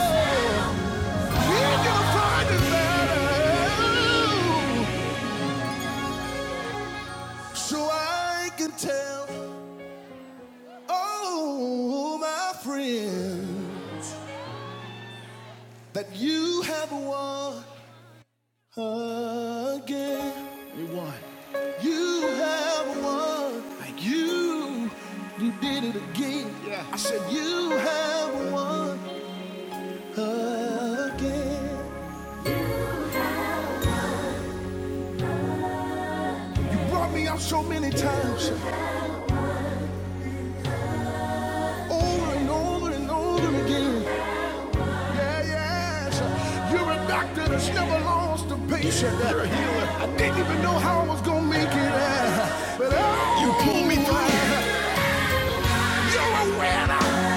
Speaker 1: I need you to fight this battle. So I can tell oh my friend, that you have won. You have won. Like you, you did it again. Yeah. I said you have won again. You brought me out so many times, over and over and over again. Yeah, yes. You're a doctor that's never lost a patient. You're a healer. I didn't even know how I was gonna make it. uh, But oh, you pulled me through. You're a winner,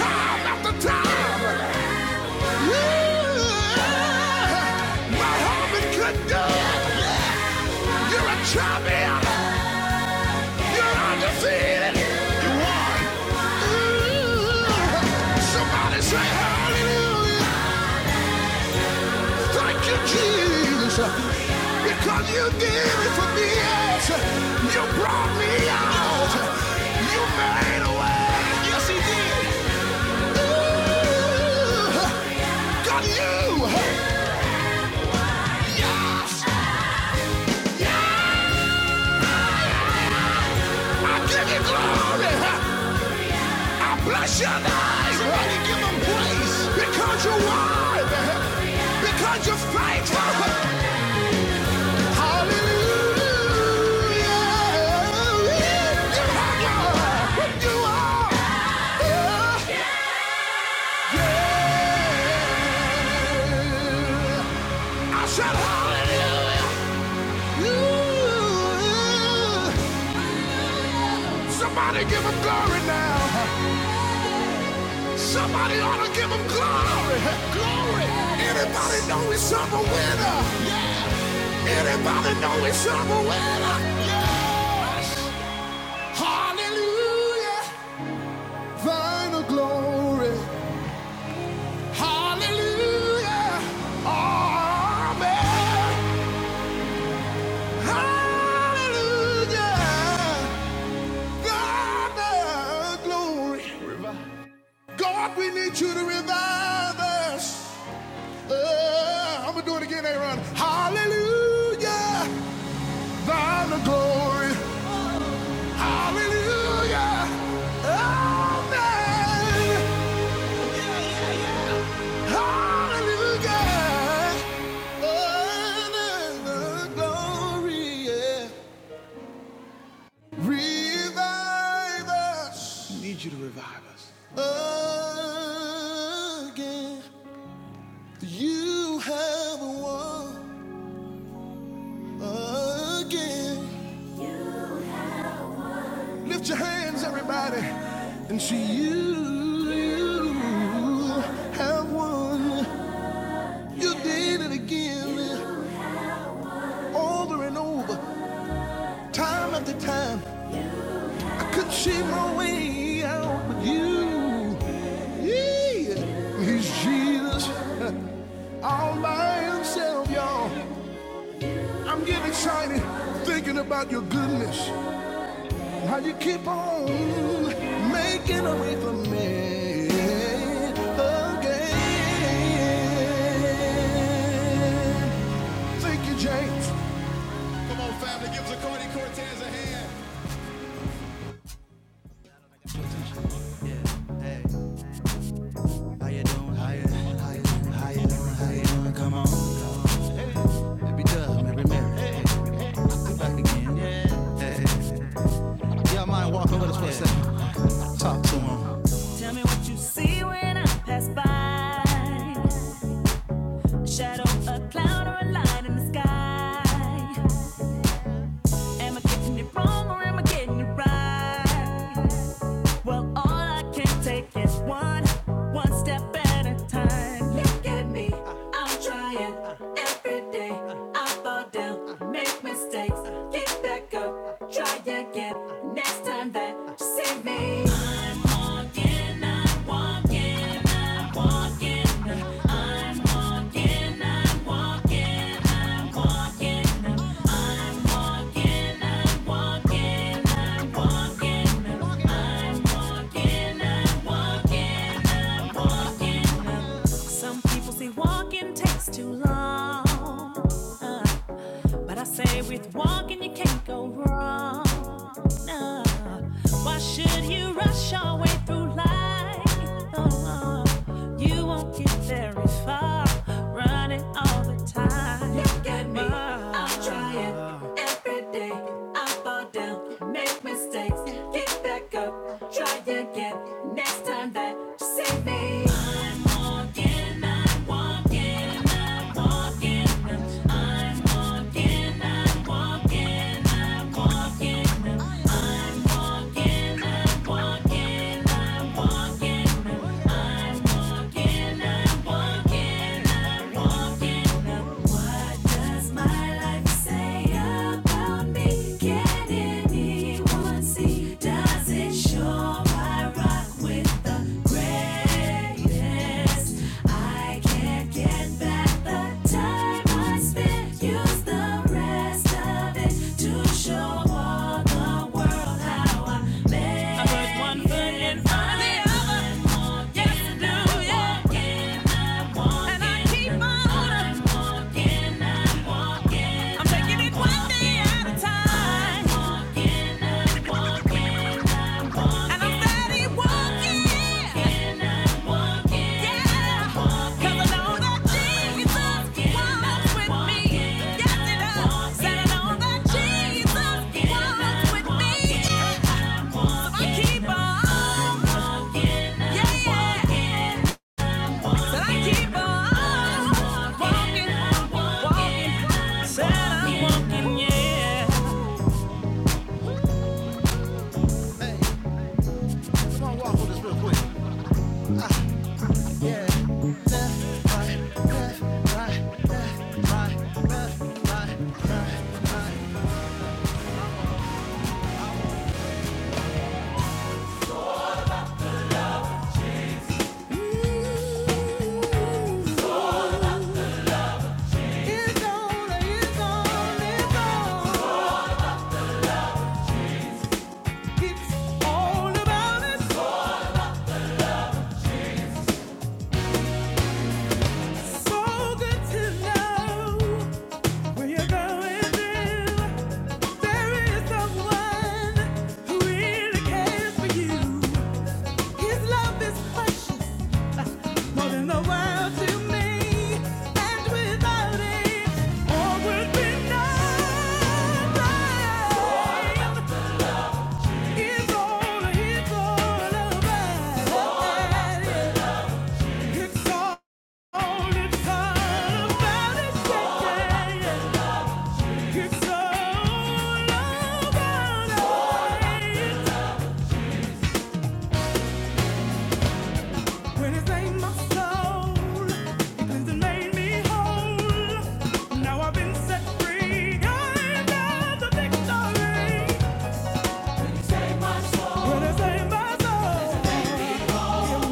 Speaker 1: time after time. Yeah. My heart been condemned. You're a champion. You're undefeated. You won. Ooh. Somebody say hallelujah. Thank you, Jesus, because you did it for me. Yes, you brought me out. You made a way. Yes, he did. Ooh, got you. Yes, I give you glory. I bless your name. Somebody give him praise because you're wise, because you're faithful. Somebody give him glory now. Somebody ought to give him glory. Glory. Anybody know he's on the winner? Yeah. Anybody know he's on the winner? Yes. Hallelujah. Final glory. Hallelujah. Amen. Hallelujah. God, the glory. God, we need you to revive us. Uh, I'm going to do it again, Aaron. Hallelujah. Final glory. Hallelujah. Amen. your hands, everybody, And see you, you have won. You did it again, over and over, time after time. could see my way out with you. Yeah. He's Jesus all by himself, y'all. I'm getting excited thinking about your goodness. How you keep on making a way for me again. Tell me what you see when I pass by. Shadow, a cloud, or a light in the sky. Am I getting it wrong or am I getting it right? Well, all I can take is one, one step at a time. Look at me, I'm trying every day. I fall down, make mistakes, get back up, try again. Next time that you see me, I'm walking, I'm some people say walking takes too long. Uh. But I say with walking you can't go wrong. No. Why should you rush your way through life? Oh, you won't get very far running all the time. Look at me, I'm trying every day. I fall down, make mistakes, get back up, try again. Next time that you see me, I'm walking, I'm walking, I'm walking. I can't get I put one foot in front of the other. Yes, I am walking, I am walking, I'm taking it one day at a time. And I'm steady walking. Yeah. Where you going to? There is someone who really cares for you. His love is precious, more than the world to me. And without it, all would be nothing. His all, his all about. It's all. Now I've been set free. I know the victory. When I say my soul,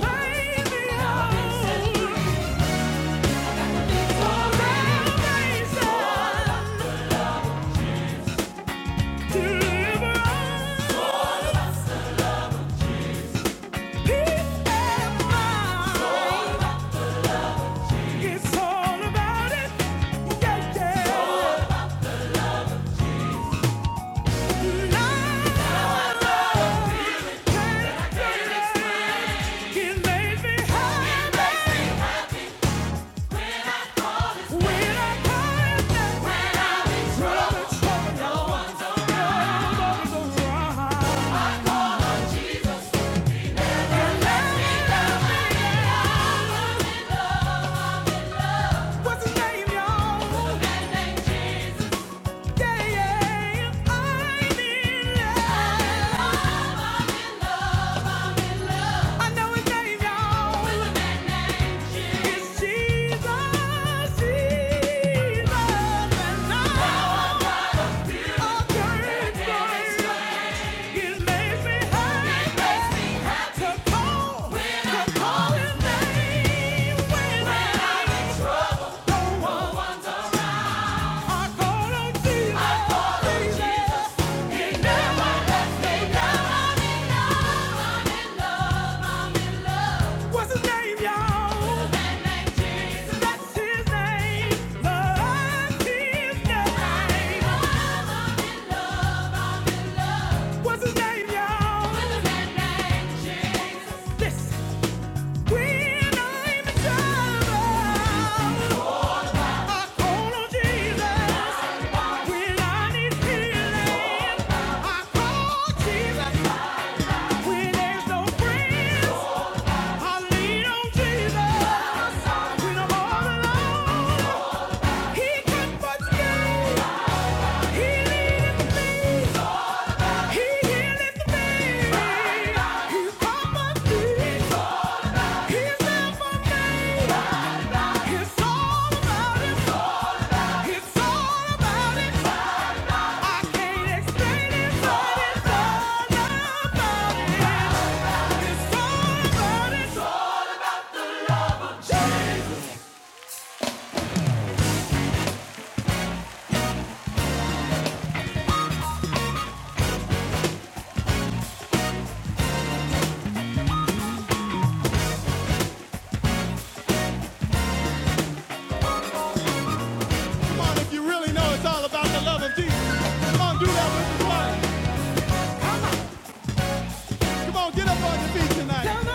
Speaker 1: made me whole. What's his name, y'all? What's his name, y'all? That's his name. Love's his name. What's his name, y'all? What's his name, Jesus, Listen, when I'm in trouble, I call on Jesus. When I need healing, I call Jesus. When there's no friends, I lean on Jesus. When I'm all alone, He can heal me. He heals me. He's all my peace. He's all my name. It's all about it. It's all about it. I can't explain it, it's all about it. It's all about it. Come on, if you really know it's all about the love of Jesus. Come on, do that with the blood. Come on, get up on your feet tonight.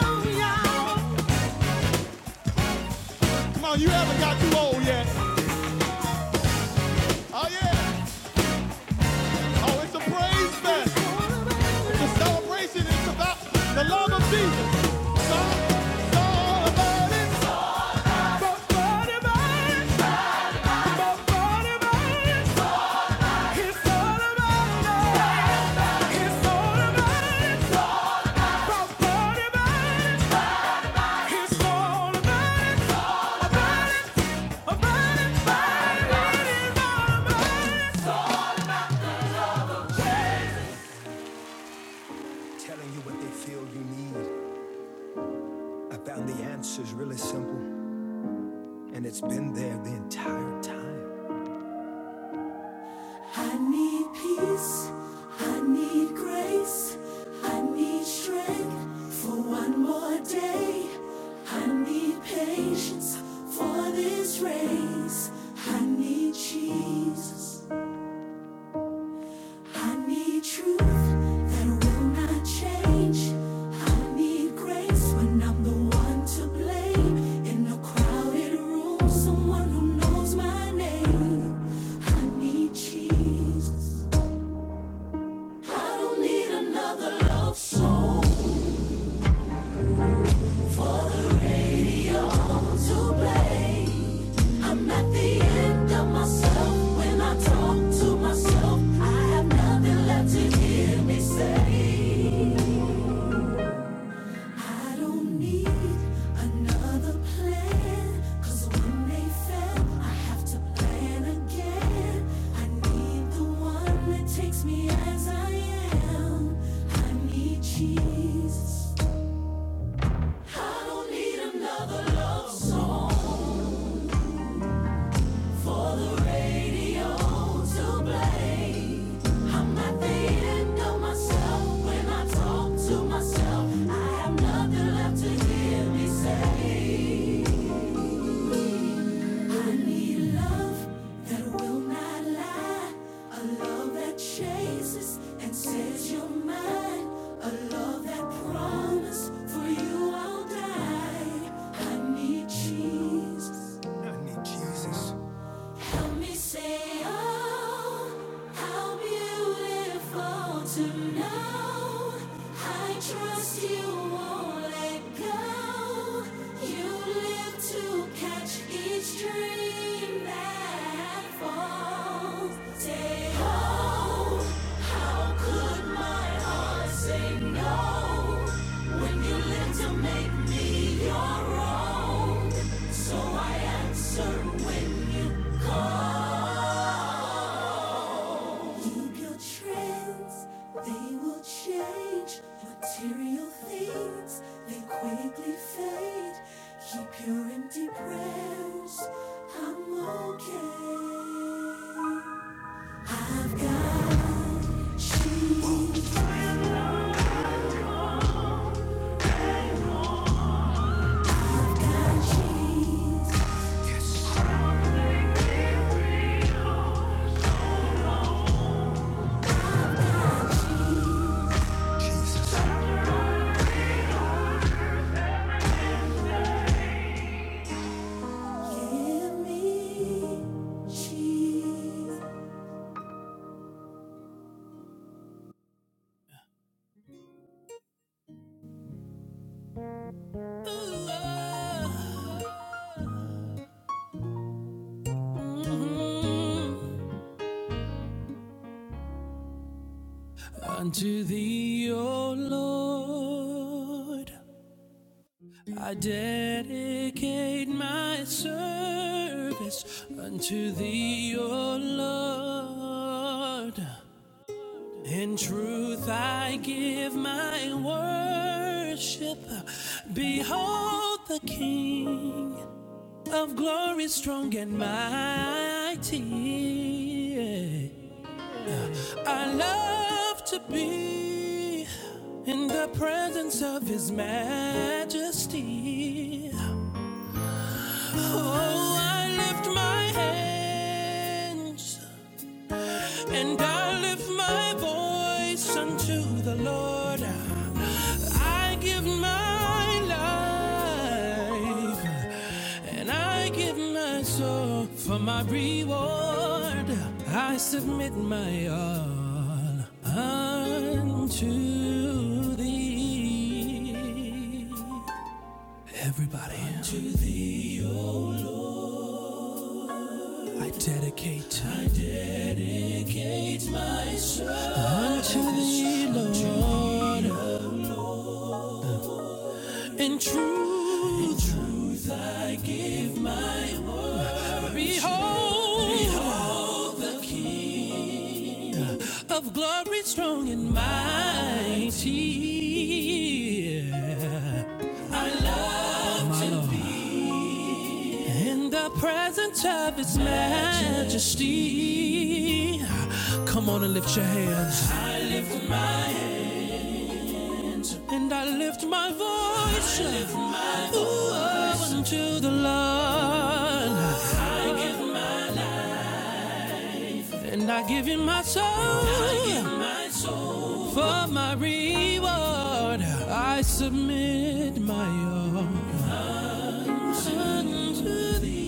Speaker 1: Come on, you haven't got too old yet. Oh yeah. Oh, it's a praise fest. It's a celebration. It's about the love of Jesus. It's all, it's all about it. It's all about it. Telling you what they feel you need. I found the answer's really simple, and it's been there the entire time. I need peace. I need grace. I need strength for one more day. I need patience for this race. I need Jesus. I need truth that will not change. I need grace when I'm the one to blame. In a crowded room, someone who knows my name. I need Jesus. I don't need another love song to play. I'm at the end of myself when I talk to myself. I have nothing left to hear me say. I don't need another plan. when they fail, I have to plan again. I need the one that takes me as I am. I need Jesus. I don't need another love song for the radio to play. I'm at the end of myself when I talk to myself. I have nothing left to hear me say. I need love that will not lie, a love that chases and says you're mine, a love that promise for you I'll die. I need Jesus. need Jesus. Help me say, oh, how beautiful to know. I trust you won't let go. You live to catch each dream that falls. Say, oh, and my heart say no. And you live to make me your own. So I answer when. Keep your trends, they will change. Material things, they quickly fade. Keep your empty prayers, I'm okay. I've got cheese, I've got cheese. Mhm. Unto thee, O Lord. I dedicate my service unto thee, O Lord. In truth, I give my worship. Behold the King of glory, strong and mighty. I love to be in the presence of His Majesty. Oh, I lift my hands and I lift my voice unto the Lord. I give my life and I give my soul for my reward. I submit my all unto thee. Everybody, unto thee, O Lord. I dedicate. I dedicate. dedicate myself unto thee, Lord. In truth, in truth I give my heart. Behold, behold the King of glory, strong and mighty. I love My to Lord. be in the presence of His majesty. majesty. Come on and lift your hands. I lift my hands. And I lift my voice lift my voice. ooh, unto the Lord. And I give him my soul my soul. for my reward. I submit my all unto thee.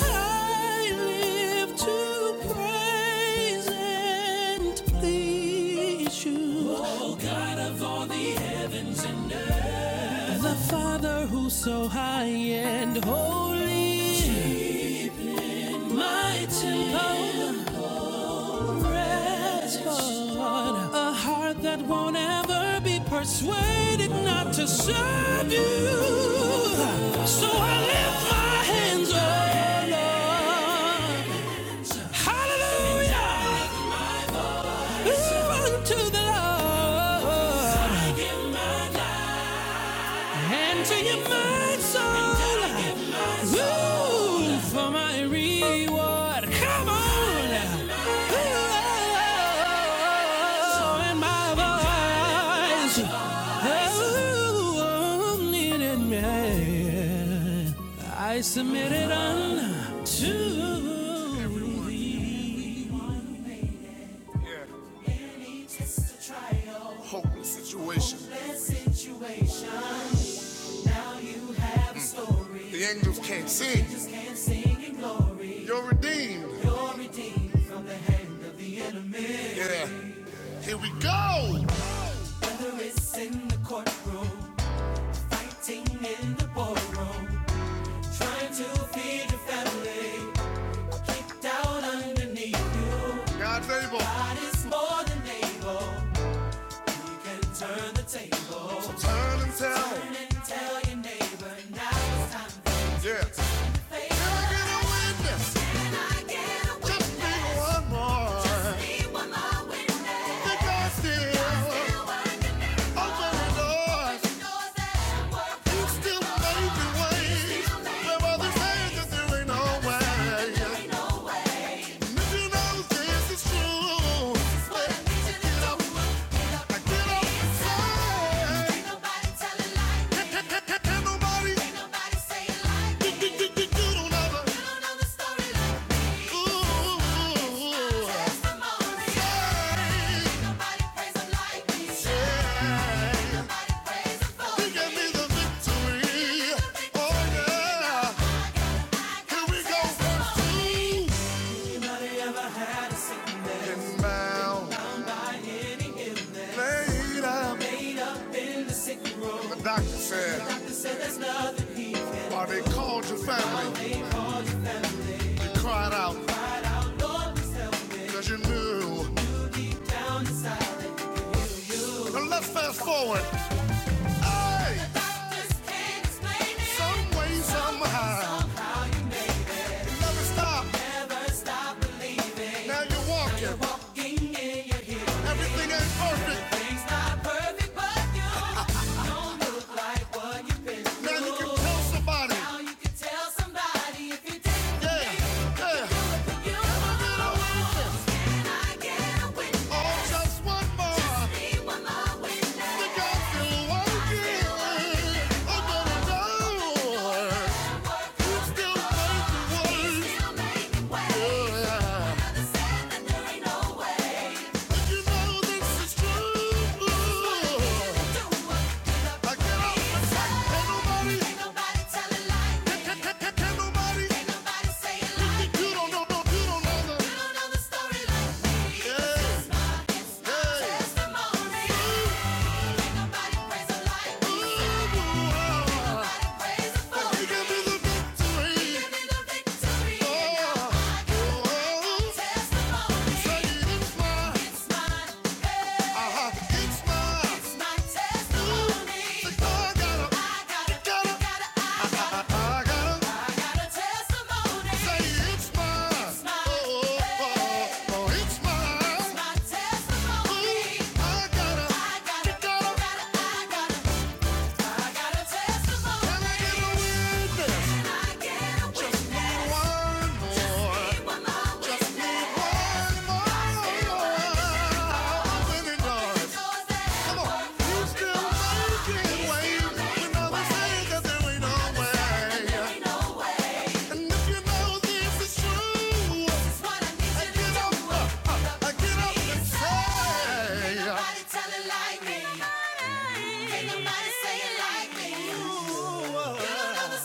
Speaker 1: I live to praise and please you. Oh, the the Father who's so high and holy, my temple, rest on a heart that won't ever be persuaded not to serve you. So I lift my hands, oh Lord. Hallelujah! Unto the Lord I give my life. and to your mind, soul. And I give my soul. Ooh, for my reward. Come on! Oh, and my voice. Oh, needed me. I submitted unto thee. hopeless situation. The angels can't see. You're redeemed. Yeah. Here we go. God's able. Turn and tell. Yeah. Can I get a witness? Just need one more. That God's still open the doors. He's still made making ways. Where others say that there ain't no way. And if you know this is true, then get up. I Get up and say. nobody, say it like you, you, don't know the story like Hey, hey. oh yeah. Here we go, first two. Getting down, The doctor said, "Why they called your family?" You cried out 'cause you knew. Now let's fast forward. Hey, some way, somehow. Never stop. Now you're walking. Everything ain't perfect. Now you can tell somebody. Yeah, yeah. Oh, just one more. Think I still want you. I'm gonna know. You still make the Yeah. But you know this is true. Testimony, it's mine. Hey. Uh-huh. Just need one more women are. Come on, you still making waves when others say that there ain't no way. And if you know this is true, get up, uh, get up and say.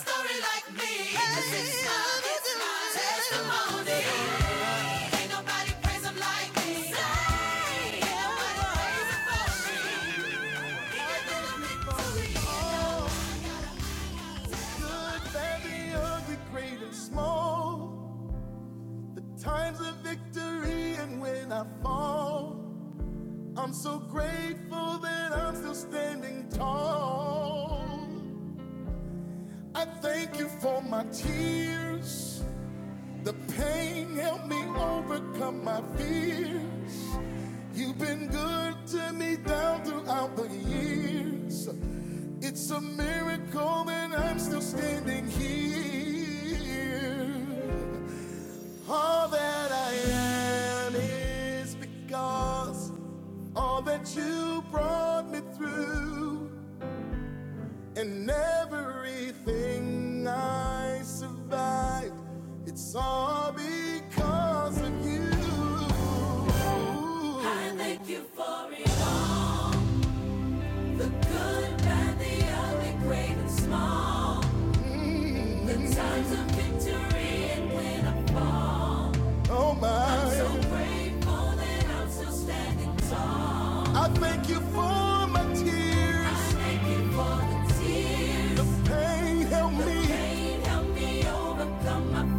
Speaker 1: Story like me, it's my, this is my testimony. Times of victory, and when I fall, I'm so grateful that I'm still standing tall. I thank you for my tears. The pain helped me overcome my fears. You've been good to me down throughout the years. It's a miracle that I'm still standing here. All that I am is because all that you brought me through and everything I survived. It's all because of you. I think it great and small. Mm-hmm. Oh my, I thank you for my tears. Pain help me,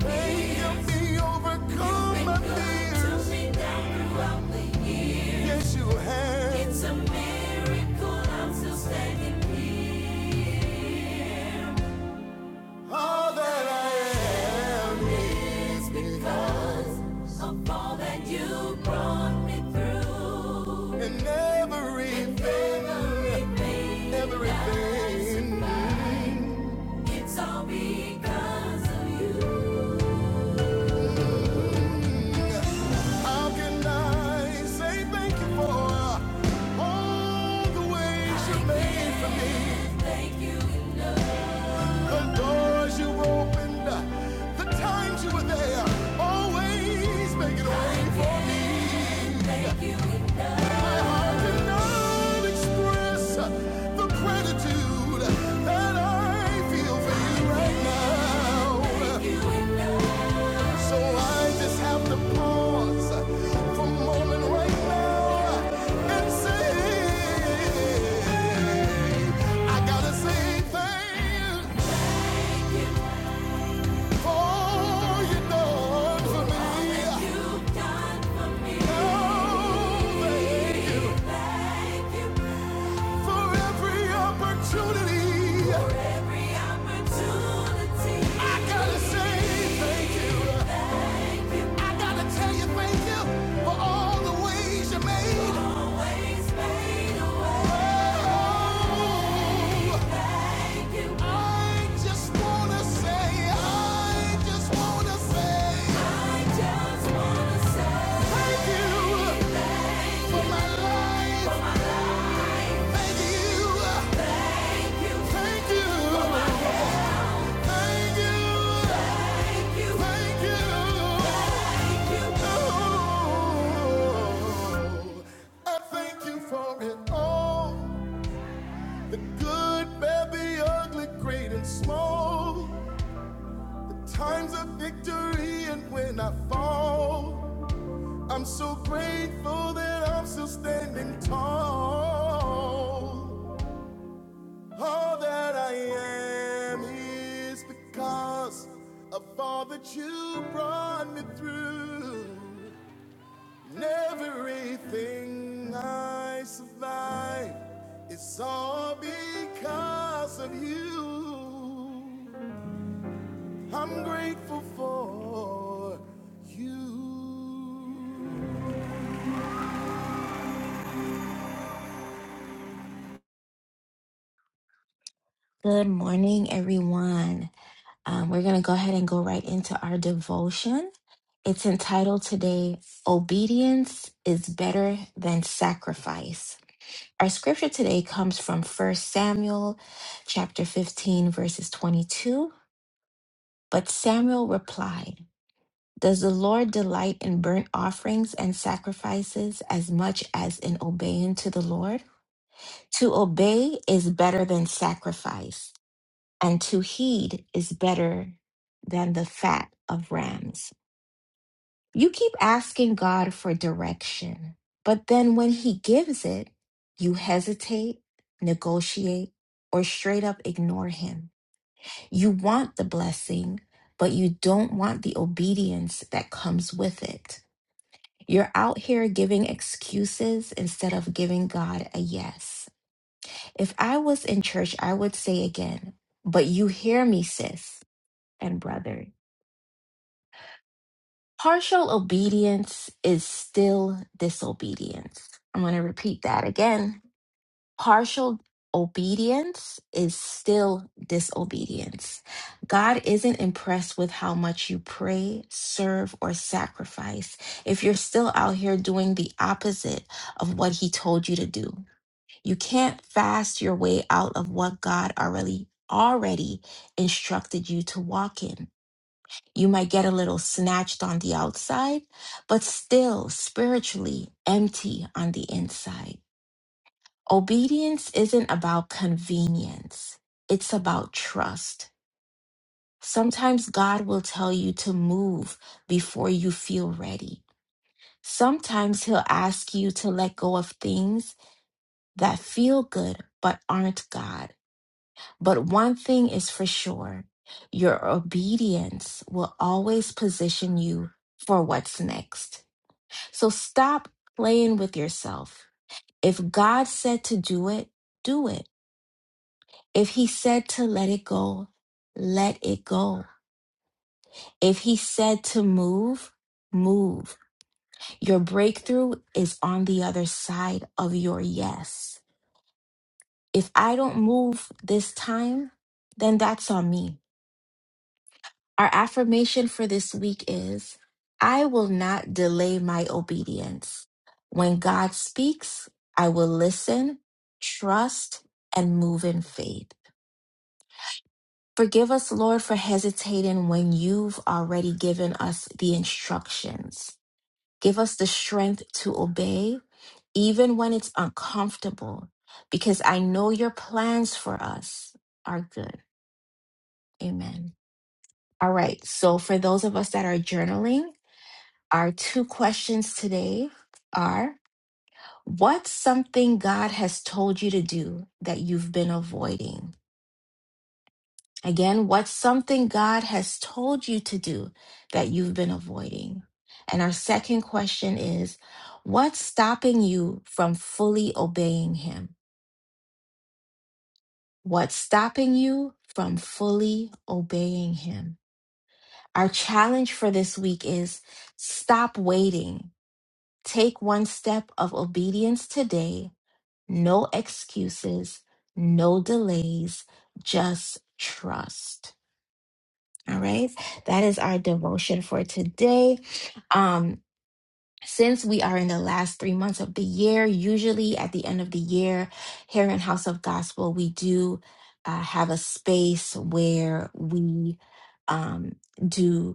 Speaker 1: pain help me overcome my fears. Yes, you have all that I am. You brought me through. And everything, everything. So because of you. How can I say thank you for all the ways you made for me? The doors you opened, the times you were there, always making a way for me. My heart cannot express the gratitude that I feel for you right now. So I just have to pause for a moment right now and say, I gotta say thank you. I'm so grateful that I'm still standing tall. All that I am is because of all that you brought me through. And everything I survive is all because of you. I'm grateful for you.
Speaker 2: Good morning, everyone. Um, we're going to go ahead and go right into our devotion. It's entitled today, Obedience is Better Than Sacrifice. Our scripture today comes from First Samuel chapter 15, verses 22. But Samuel replied, Does the Lord delight in burnt offerings and sacrifices as much as in obeying to the Lord? To obey is better than sacrifice and to heed is better than the fat of rams. You keep asking God for direction, but then when He gives it, you hesitate, negotiate, or straight up ignore Him. You want the blessing, but you don't want the obedience that comes with it. You're out here giving excuses instead of giving God a yes. If I was in church, I would say again, but you hear me, sis and brother. Partial obedience is still disobedience. I'm going to repeat that again. Partial obedience is still disobedience. God isn't impressed with how much you pray, serve, or sacrifice if you're still out here doing the opposite of what He told you to do. You can't fast your way out of what God already already instructed you to walk in. You might get a little snatched on the outside, but still spiritually empty on the inside. Obedience isn't about convenience, it's about trust. Sometimes God will tell you to move before you feel ready. Sometimes He'll ask you to let go of things that feel good but aren't God. But one thing is for sure your obedience will always position you for what's next. So stop playing with yourself. If God said to do it, do it. If He said to let it go, let it go. If He said to move, move. Your breakthrough is on the other side of your yes. If I don't move this time, then that's on me. Our affirmation for this week is I will not delay my obedience. When God speaks, I will listen, trust, and move in faith. Forgive us, Lord, for hesitating when you've already given us the instructions. Give us the strength to obey, even when it's uncomfortable, because I know your plans for us are good. Amen. All right. So, for those of us that are journaling, Our two questions today are What's something God has told you to do that you've been avoiding? Again, what's something God has told you to do that you've been avoiding? And our second question is What's stopping you from fully obeying Him? What's stopping you from fully obeying Him? Our challenge for this week is stop waiting. Take one step of obedience today No excuses, no delays, just trust. All right. That is our devotion for today. Um, since we are in the last three months of the year, usually at the end of the year, here in House of Gospel, we do uh, have a space where we um, do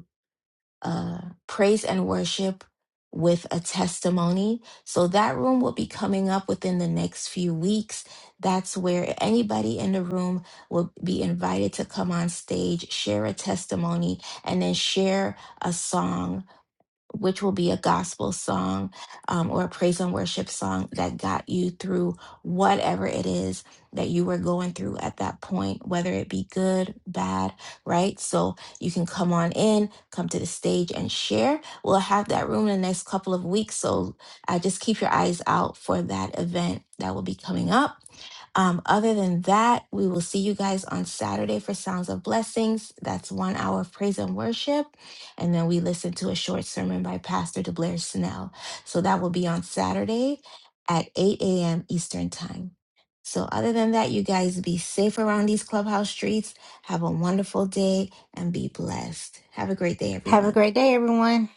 Speaker 2: uh, praise and worship with a testimony. So that room will be coming up within the next few weeks. That's where anybody in the room will be invited to come on stage, share a testimony, and then share a song which will be a gospel song um, or a praise and worship song that got you through whatever it is that you were going through at that point, whether it be good, bad, right? So you can come on in, come to the stage and share. We'll have that room in the next couple of weeks. So uh, just keep your eyes out for that event that will be coming up. Um, other than that, we will see you guys on Saturday for Sounds of Blessings. That's one hour of praise and worship. And then we listen to a short sermon by Pastor DeBlair Snell. So that will be on Saturday at 8 a.m. Eastern Time. So, other than that, you guys be safe around these clubhouse streets. Have a wonderful day and be blessed. Have a great day,
Speaker 3: Have
Speaker 2: everyone.
Speaker 3: a great day, everyone.